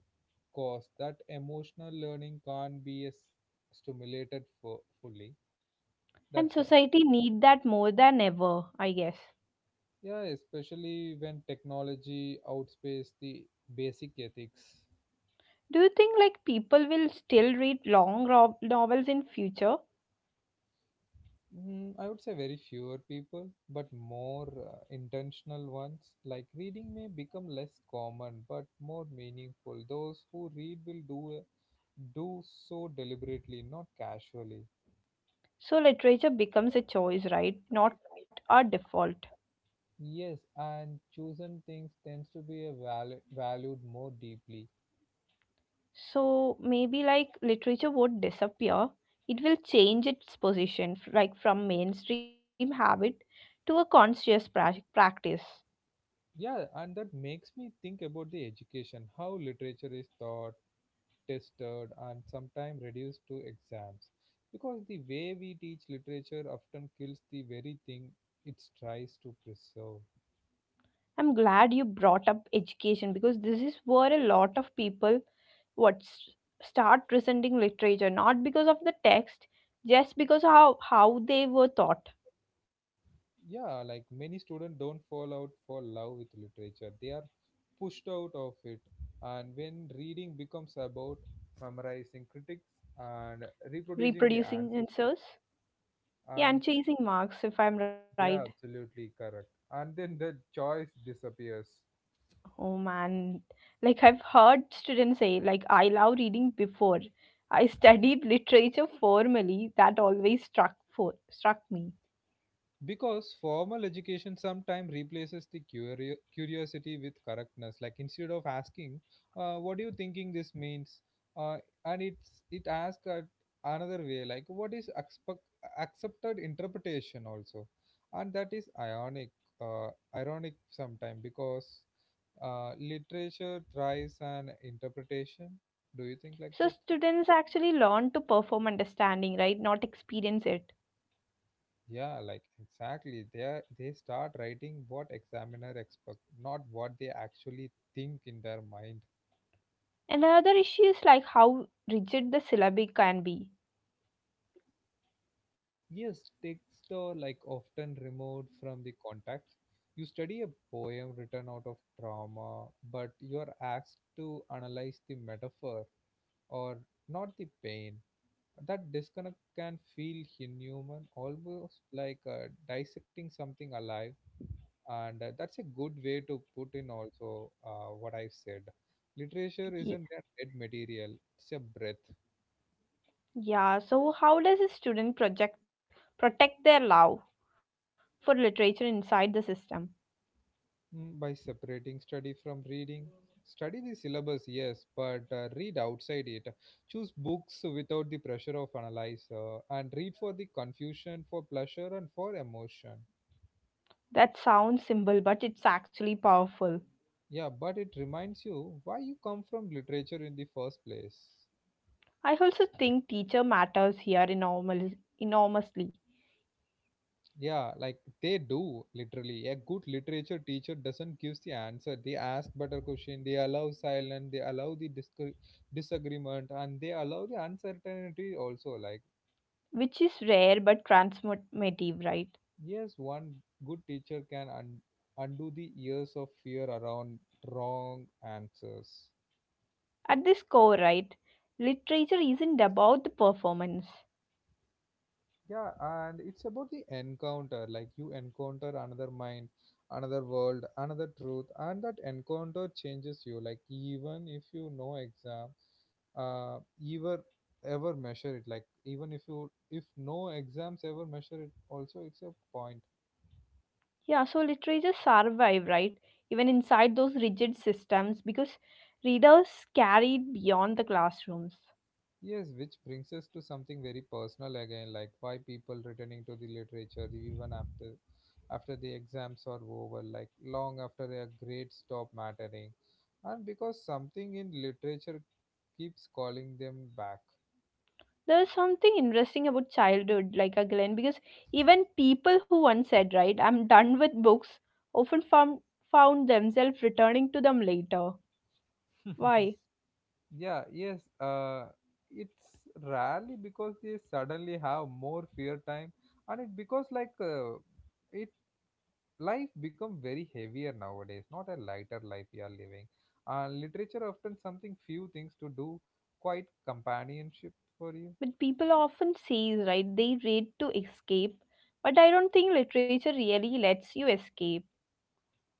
Speaker 2: cost that emotional learning can't be as stimulated for fully.
Speaker 1: And
Speaker 2: That's why.
Speaker 1: society need that more than ever, I guess.
Speaker 2: Yeah, especially when technology outpaces the basic ethics.
Speaker 1: Do you think like people will still read long ro- novels in future?
Speaker 2: Mm, I would say very fewer people, but more uh, intentional ones. Like reading may become less common, but more meaningful. Those who read will do uh, do so deliberately, not casually.
Speaker 1: So literature becomes a choice, right? Not a default.
Speaker 2: Yes, and chosen things tends to be a val- valued more deeply.
Speaker 1: So maybe like literature won't disappear. It will change its position, f- like from mainstream habit to a conscious prac practice.
Speaker 2: Yeah, and that makes me think about the education, how literature is taught, tested and sometimes reduced to exams, because the way we teach literature often kills the very thing it tries to preserve.
Speaker 1: I'm glad you brought up education because this is where a lot of people what s- start resenting literature, not because of the text, just because how how they were taught.
Speaker 2: Yeah, like many students don't fall out for love with literature, they are pushed out of it, and when reading becomes about memorizing critics and reproducing the
Speaker 1: Reproducing
Speaker 2: answers also.
Speaker 1: answers, yeah,
Speaker 2: And
Speaker 1: and chasing marks. If I'm right.
Speaker 2: yeah, absolutely correct, and then the choice disappears.
Speaker 1: Oh man, like I've heard students say, like I love reading before. I studied literature formally. That always struck for struck me.
Speaker 2: Because formal education sometimes replaces the curio- curiosity with correctness. Like instead of asking, uh, "What do you thinking this means?" Uh, and it's it asks at another way, like "What is expect- accepted interpretation?" Also, and that is ironic, uh, ironic sometimes because uh, literature thrives on interpretation. Do you think like
Speaker 1: So
Speaker 2: that?
Speaker 1: students actually learn to perform understanding, right? Not experience it.
Speaker 2: Yeah, like exactly. They are, they start writing what examiner expect, not what they actually think in their mind.
Speaker 1: Another issue is like how rigid the syllabi can be.
Speaker 2: Yes, texts are like often removed from the context. You study a poem written out of trauma, but you are asked to analyze the metaphor or not the pain. That disconnect can feel inhuman, almost like uh, dissecting something alive. And uh, that's a good way to put in also, uh, what I've said, literature
Speaker 1: Ye-
Speaker 2: isn't a dead material, it's a breath.
Speaker 1: Yeah. So how does a student project protect their love for literature inside the system?
Speaker 2: Mm, by separating study from reading, study the syllabus yes, but uh, read outside it, choose books without the pressure of analyze, uh, and read for the confusion, for pleasure, and for emotion.
Speaker 1: That sounds simple, but it's actually powerful.
Speaker 2: Yeah, but it reminds you why you come from literature in the first place.
Speaker 1: I also think teacher matters here enormous, enormously,
Speaker 2: Yeah, like they do literally. A good literature teacher doesn't give the answer. They ask better question. They allow silence. They allow the discre- disagreement, and they allow the uncertainty also. Like
Speaker 1: which is rare but transformative, right?
Speaker 2: yes, one good teacher can un- undo the years of fear around wrong answers.
Speaker 1: At this core, right, literature isn't about the performance.
Speaker 2: Yeah, and it's about the encounter. Like you encounter another mind, another world, another truth, and that encounter changes you. Like even if you no exam, uh, ever ever measure it. Like even if you if no exams ever measure it, also it's a point.
Speaker 1: Yeah, so literature survive, right, even inside those rigid systems because readers carry it beyond the classrooms.
Speaker 2: Yes, which brings us to something very personal again, like why people returning to the literature even after after the exams are over, like long after their grades stop mattering, and because something in literature keeps calling them back.
Speaker 1: There's something interesting about childhood, like a Glenn, because even people who once said, right, I'm done with books, often found, found themselves returning to them later. Why?
Speaker 2: Yeah, yes. Uh, it's rarely because they suddenly have more fear time, and it because like uh, it life become very heavier nowadays, not a lighter life we are living. Uh, literature often something few things to do, quite companionship for you.
Speaker 1: But people often says, right, they read to escape. But I don't think literature really lets you escape.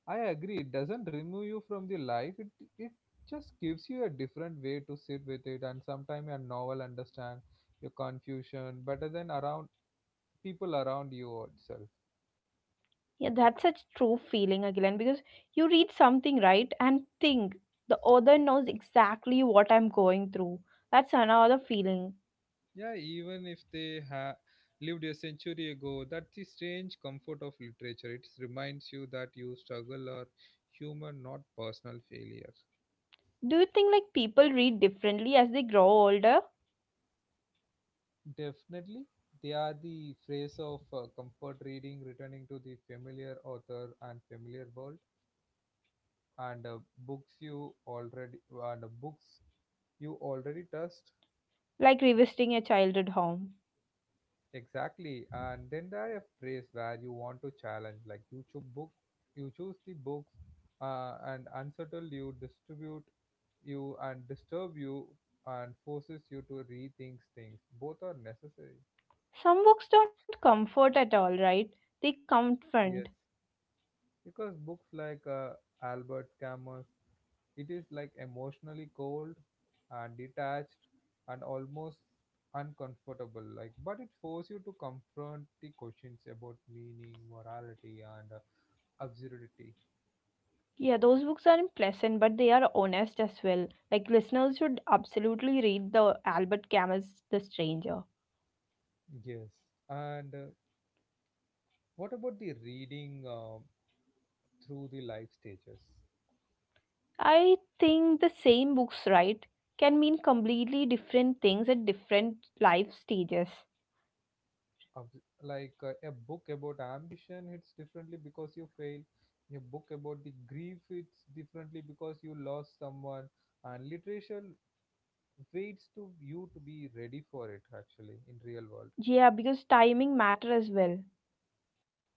Speaker 2: I agree, it doesn't remove you from the life. It it just gives you a different way to sit with it, and sometimes a novel understand your confusion better than around people around you itself.
Speaker 1: Yeah, that's such true feeling again because you read something, right, and think the author knows exactly what I'm going through. That's another feeling.
Speaker 2: Yeah, even if they ha- lived a century ago, that's the strange comfort of literature. It reminds you that you struggle are human, not personal failure.
Speaker 1: Do you think like people read differently as they grow older?
Speaker 2: Definitely, they are the phrase of uh, comfort reading, returning to the familiar author and familiar world, and uh, books you already and uh, books you already trust.
Speaker 1: Like revisiting a childhood home.
Speaker 2: Exactly. And then there are phrase where you want to challenge, like you choose book, you choose the books, uh, and unsettle you, distribute you, and disturb you, and forces you to rethink things. Both are necessary.
Speaker 1: Some books don't comfort at all, right? They confront.
Speaker 2: Yes, because books like uh, Albert Camus, it is like emotionally cold and detached and almost uncomfortable. Like, but it forces you to confront the questions about meaning, morality, and uh, absurdity.
Speaker 1: Yeah, those books are pleasant, but they are honest as well. Like listeners should absolutely read the Albert Camus' The Stranger.
Speaker 2: Yes. And uh, what about the reading uh, through the life stages?
Speaker 1: I think the same books, right, can mean completely different things at different life stages.
Speaker 2: Of, like uh, a book about ambition hits differently because you fail. A book about the grief hits differently because you lost someone. And literature waits to you to be ready for it actually in real world.
Speaker 1: Yeah, because timing matter as well.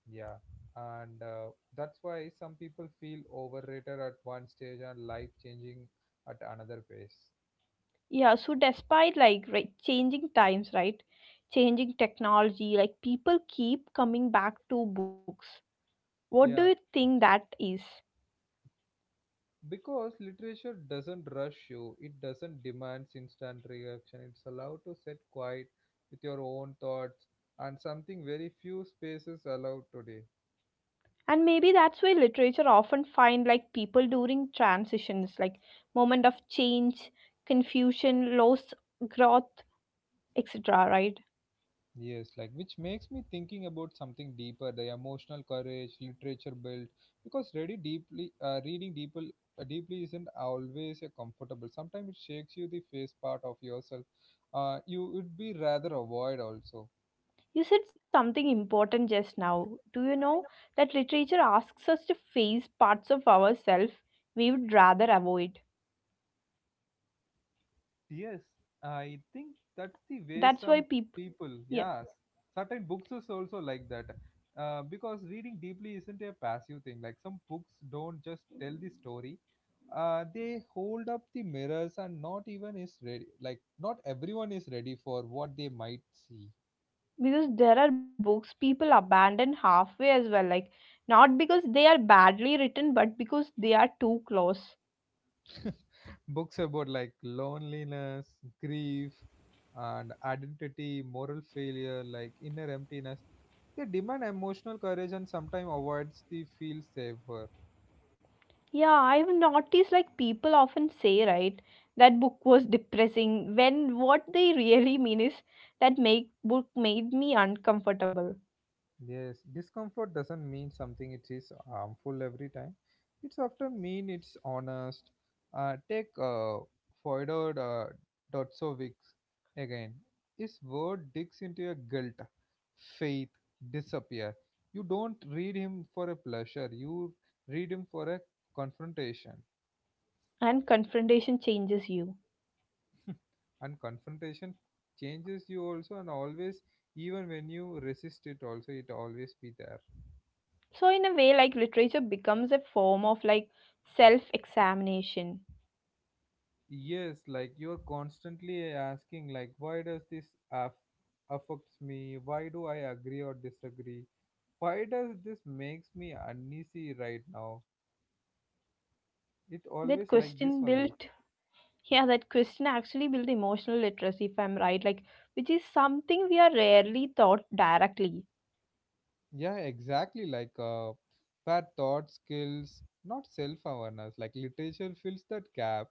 Speaker 2: Yeah. And uh, that's why some people feel overrated at one stage and life changing at another pace.
Speaker 1: Yeah, so despite like right, changing times, right, changing technology, like people keep coming back to books. What do
Speaker 2: Yeah.
Speaker 1: you think that is?
Speaker 2: Because literature doesn't rush you, it doesn't demand instant reaction. It's allowed to sit quiet with your own thoughts, and something very few spaces allowed today.
Speaker 1: And maybe that's why literature often find like people during transitions, like moment of change, confusion, loss, growth, etc, right?
Speaker 2: Yes, like which makes me thinking about something deeper, the emotional courage literature built. Because ready deeply, uh, reading deeply, uh, deeply isn't always a comfortable. Sometimes it shakes you the face part of yourself. Uh, you would be rather avoid also.
Speaker 1: You said something important just now, do you know that literature asks us to face parts of ourselves we would rather avoid.
Speaker 2: Yes, I think that's the way
Speaker 1: That's
Speaker 2: some
Speaker 1: why people,
Speaker 2: people,
Speaker 1: yeah,
Speaker 2: yeah, certain books is also like that. Uh, because reading deeply isn't a passive thing. Like some books don't just tell the story, uh, they hold up the mirrors, and not even is ready. Like not everyone is ready for what they might see.
Speaker 1: because there are books people abandon halfway as well, like not because they are badly written but because they are too close.
Speaker 2: Books about like loneliness, grief, and identity, moral failure, like inner emptiness. They demand emotional courage, and sometimes avoids the feel safer.
Speaker 1: Yeah, I've noticed like people often say, right, that book was depressing when what they really mean is that make book made me uncomfortable.
Speaker 2: Yes, discomfort doesn't mean something it is harmful every time. It's often mean it's honest. Uh, take uh, Fyodor uh, Dostoevsky again. His word digs into your guilt, faith, disappear. You don't read him for a pleasure. You read him for a confrontation.
Speaker 1: And confrontation changes you.
Speaker 2: And confrontation changes you also and always, even when you resist it, also it always be there.
Speaker 1: So in a way, like literature becomes a form of like self-examination.
Speaker 2: Yes, like you're constantly asking, like, why does this aff- affects me, why do I agree or disagree, why does this makes me uneasy right now? It
Speaker 1: That
Speaker 2: always like this
Speaker 1: question
Speaker 2: only.
Speaker 1: built yeah, that question actually built emotional literacy, if I'm right, like which is something we are rarely taught directly.
Speaker 2: Yeah, exactly, like uh, where thought skills, not self-awareness, like literature fills that gap,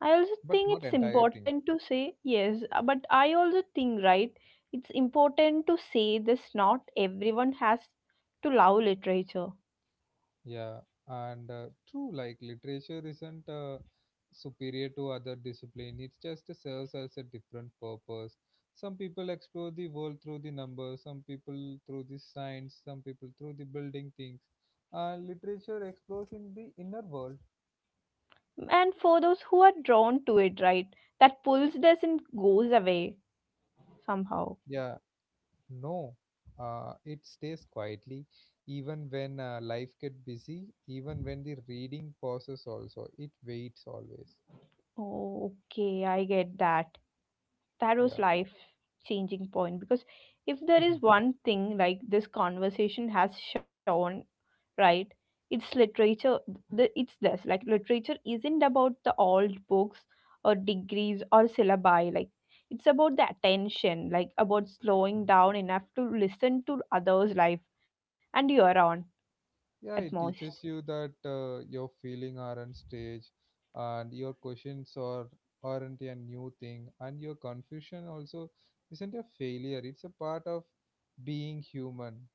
Speaker 1: I also
Speaker 2: but
Speaker 1: think
Speaker 2: not
Speaker 1: it's
Speaker 2: entire thing.
Speaker 1: important to say yes, uh, but I also think, right, it's important to say this, not everyone has to love literature.
Speaker 2: Yeah, and uh, True, like literature isn't uh, superior to other discipline. It just serves as a different purpose. Some people explore the world through the numbers, some people through the science, some people through the building things. And literature explores in the inner world.
Speaker 1: And for those who are drawn to it, right, that pulls doesn't goes away somehow.
Speaker 2: Yeah, no, uh, it stays quietly, even when uh, life gets busy, even when the reading pauses. Also, it waits always.
Speaker 1: Oh, okay, I get that. Taro's
Speaker 2: Yeah.
Speaker 1: life changing point because if there is one thing like this conversation has shown, right? It's literature. The it's this Like literature isn't about the old books or degrees or syllabi. Like it's about the attention, like about slowing down enough to listen to others' life and your own at
Speaker 2: Yeah, it
Speaker 1: most.
Speaker 2: teaches you that uh, your feeling aren't stage, and your questions are aren't a new thing, and your confusion also isn't a failure. It's a part of being human.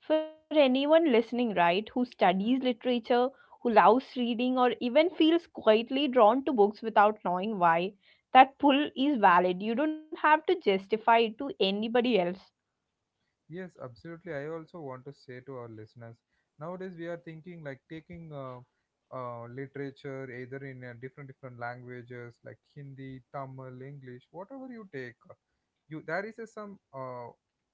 Speaker 1: For anyone listening, right, who studies literature, who loves reading, or even feels quietly drawn to books without knowing why, that pull is valid. You don't have to justify it to anybody else.
Speaker 2: Yes, absolutely. I also want to say to our listeners nowadays we are thinking like taking uh, uh, literature either in uh, different different languages like Hindi, Tamil, English, whatever you take, uh, you there is a some uh,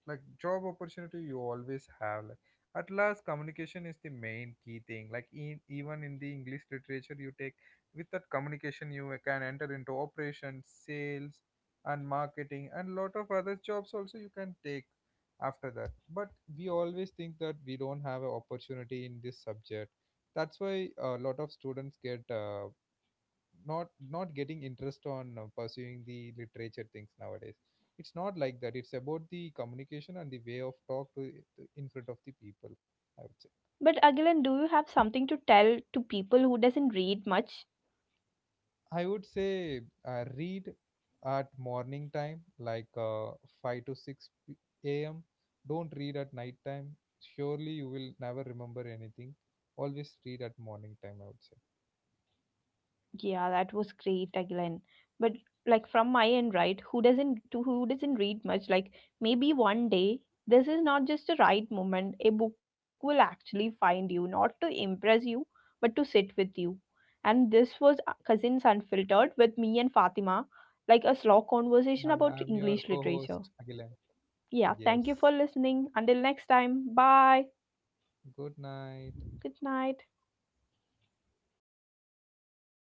Speaker 2: like job opportunity you always have. Like, at last, communication is the main key thing. Like in, even in the English literature, you take, with that communication you can enter into operations, sales, and marketing, and lot of other jobs also you can take after that. But we always think that we don't have an opportunity in this subject. That's why a lot of students get uh, not not getting interest on uh, pursuing the literature things nowadays. It's not like that. It's about the communication and the way of talk to, to in front of the people, I would say.
Speaker 1: But Agilan, do you have something to tell to people who doesn't read much?
Speaker 2: I would say uh, read at morning time, like uh, five to six p- a m. Don't read at night time. Surely you will never remember anything. Always read at morning time, I would say.
Speaker 1: Yeah, that was great again. But like from my end, right? Who doesn't to who doesn't read much? Like maybe one day this is not just a right moment. A book will actually find you, not to impress you, but to sit with you. And this was uh, Cousins Unfiltered with me and Fatima, like a slow
Speaker 2: And I'm
Speaker 1: conversation
Speaker 2: your
Speaker 1: about
Speaker 2: co
Speaker 1: English
Speaker 2: host,
Speaker 1: literature.
Speaker 2: Agilan.
Speaker 1: Yeah, thank
Speaker 2: Yes.
Speaker 1: you for listening. Until next time, bye.
Speaker 2: Good night.
Speaker 1: Good night.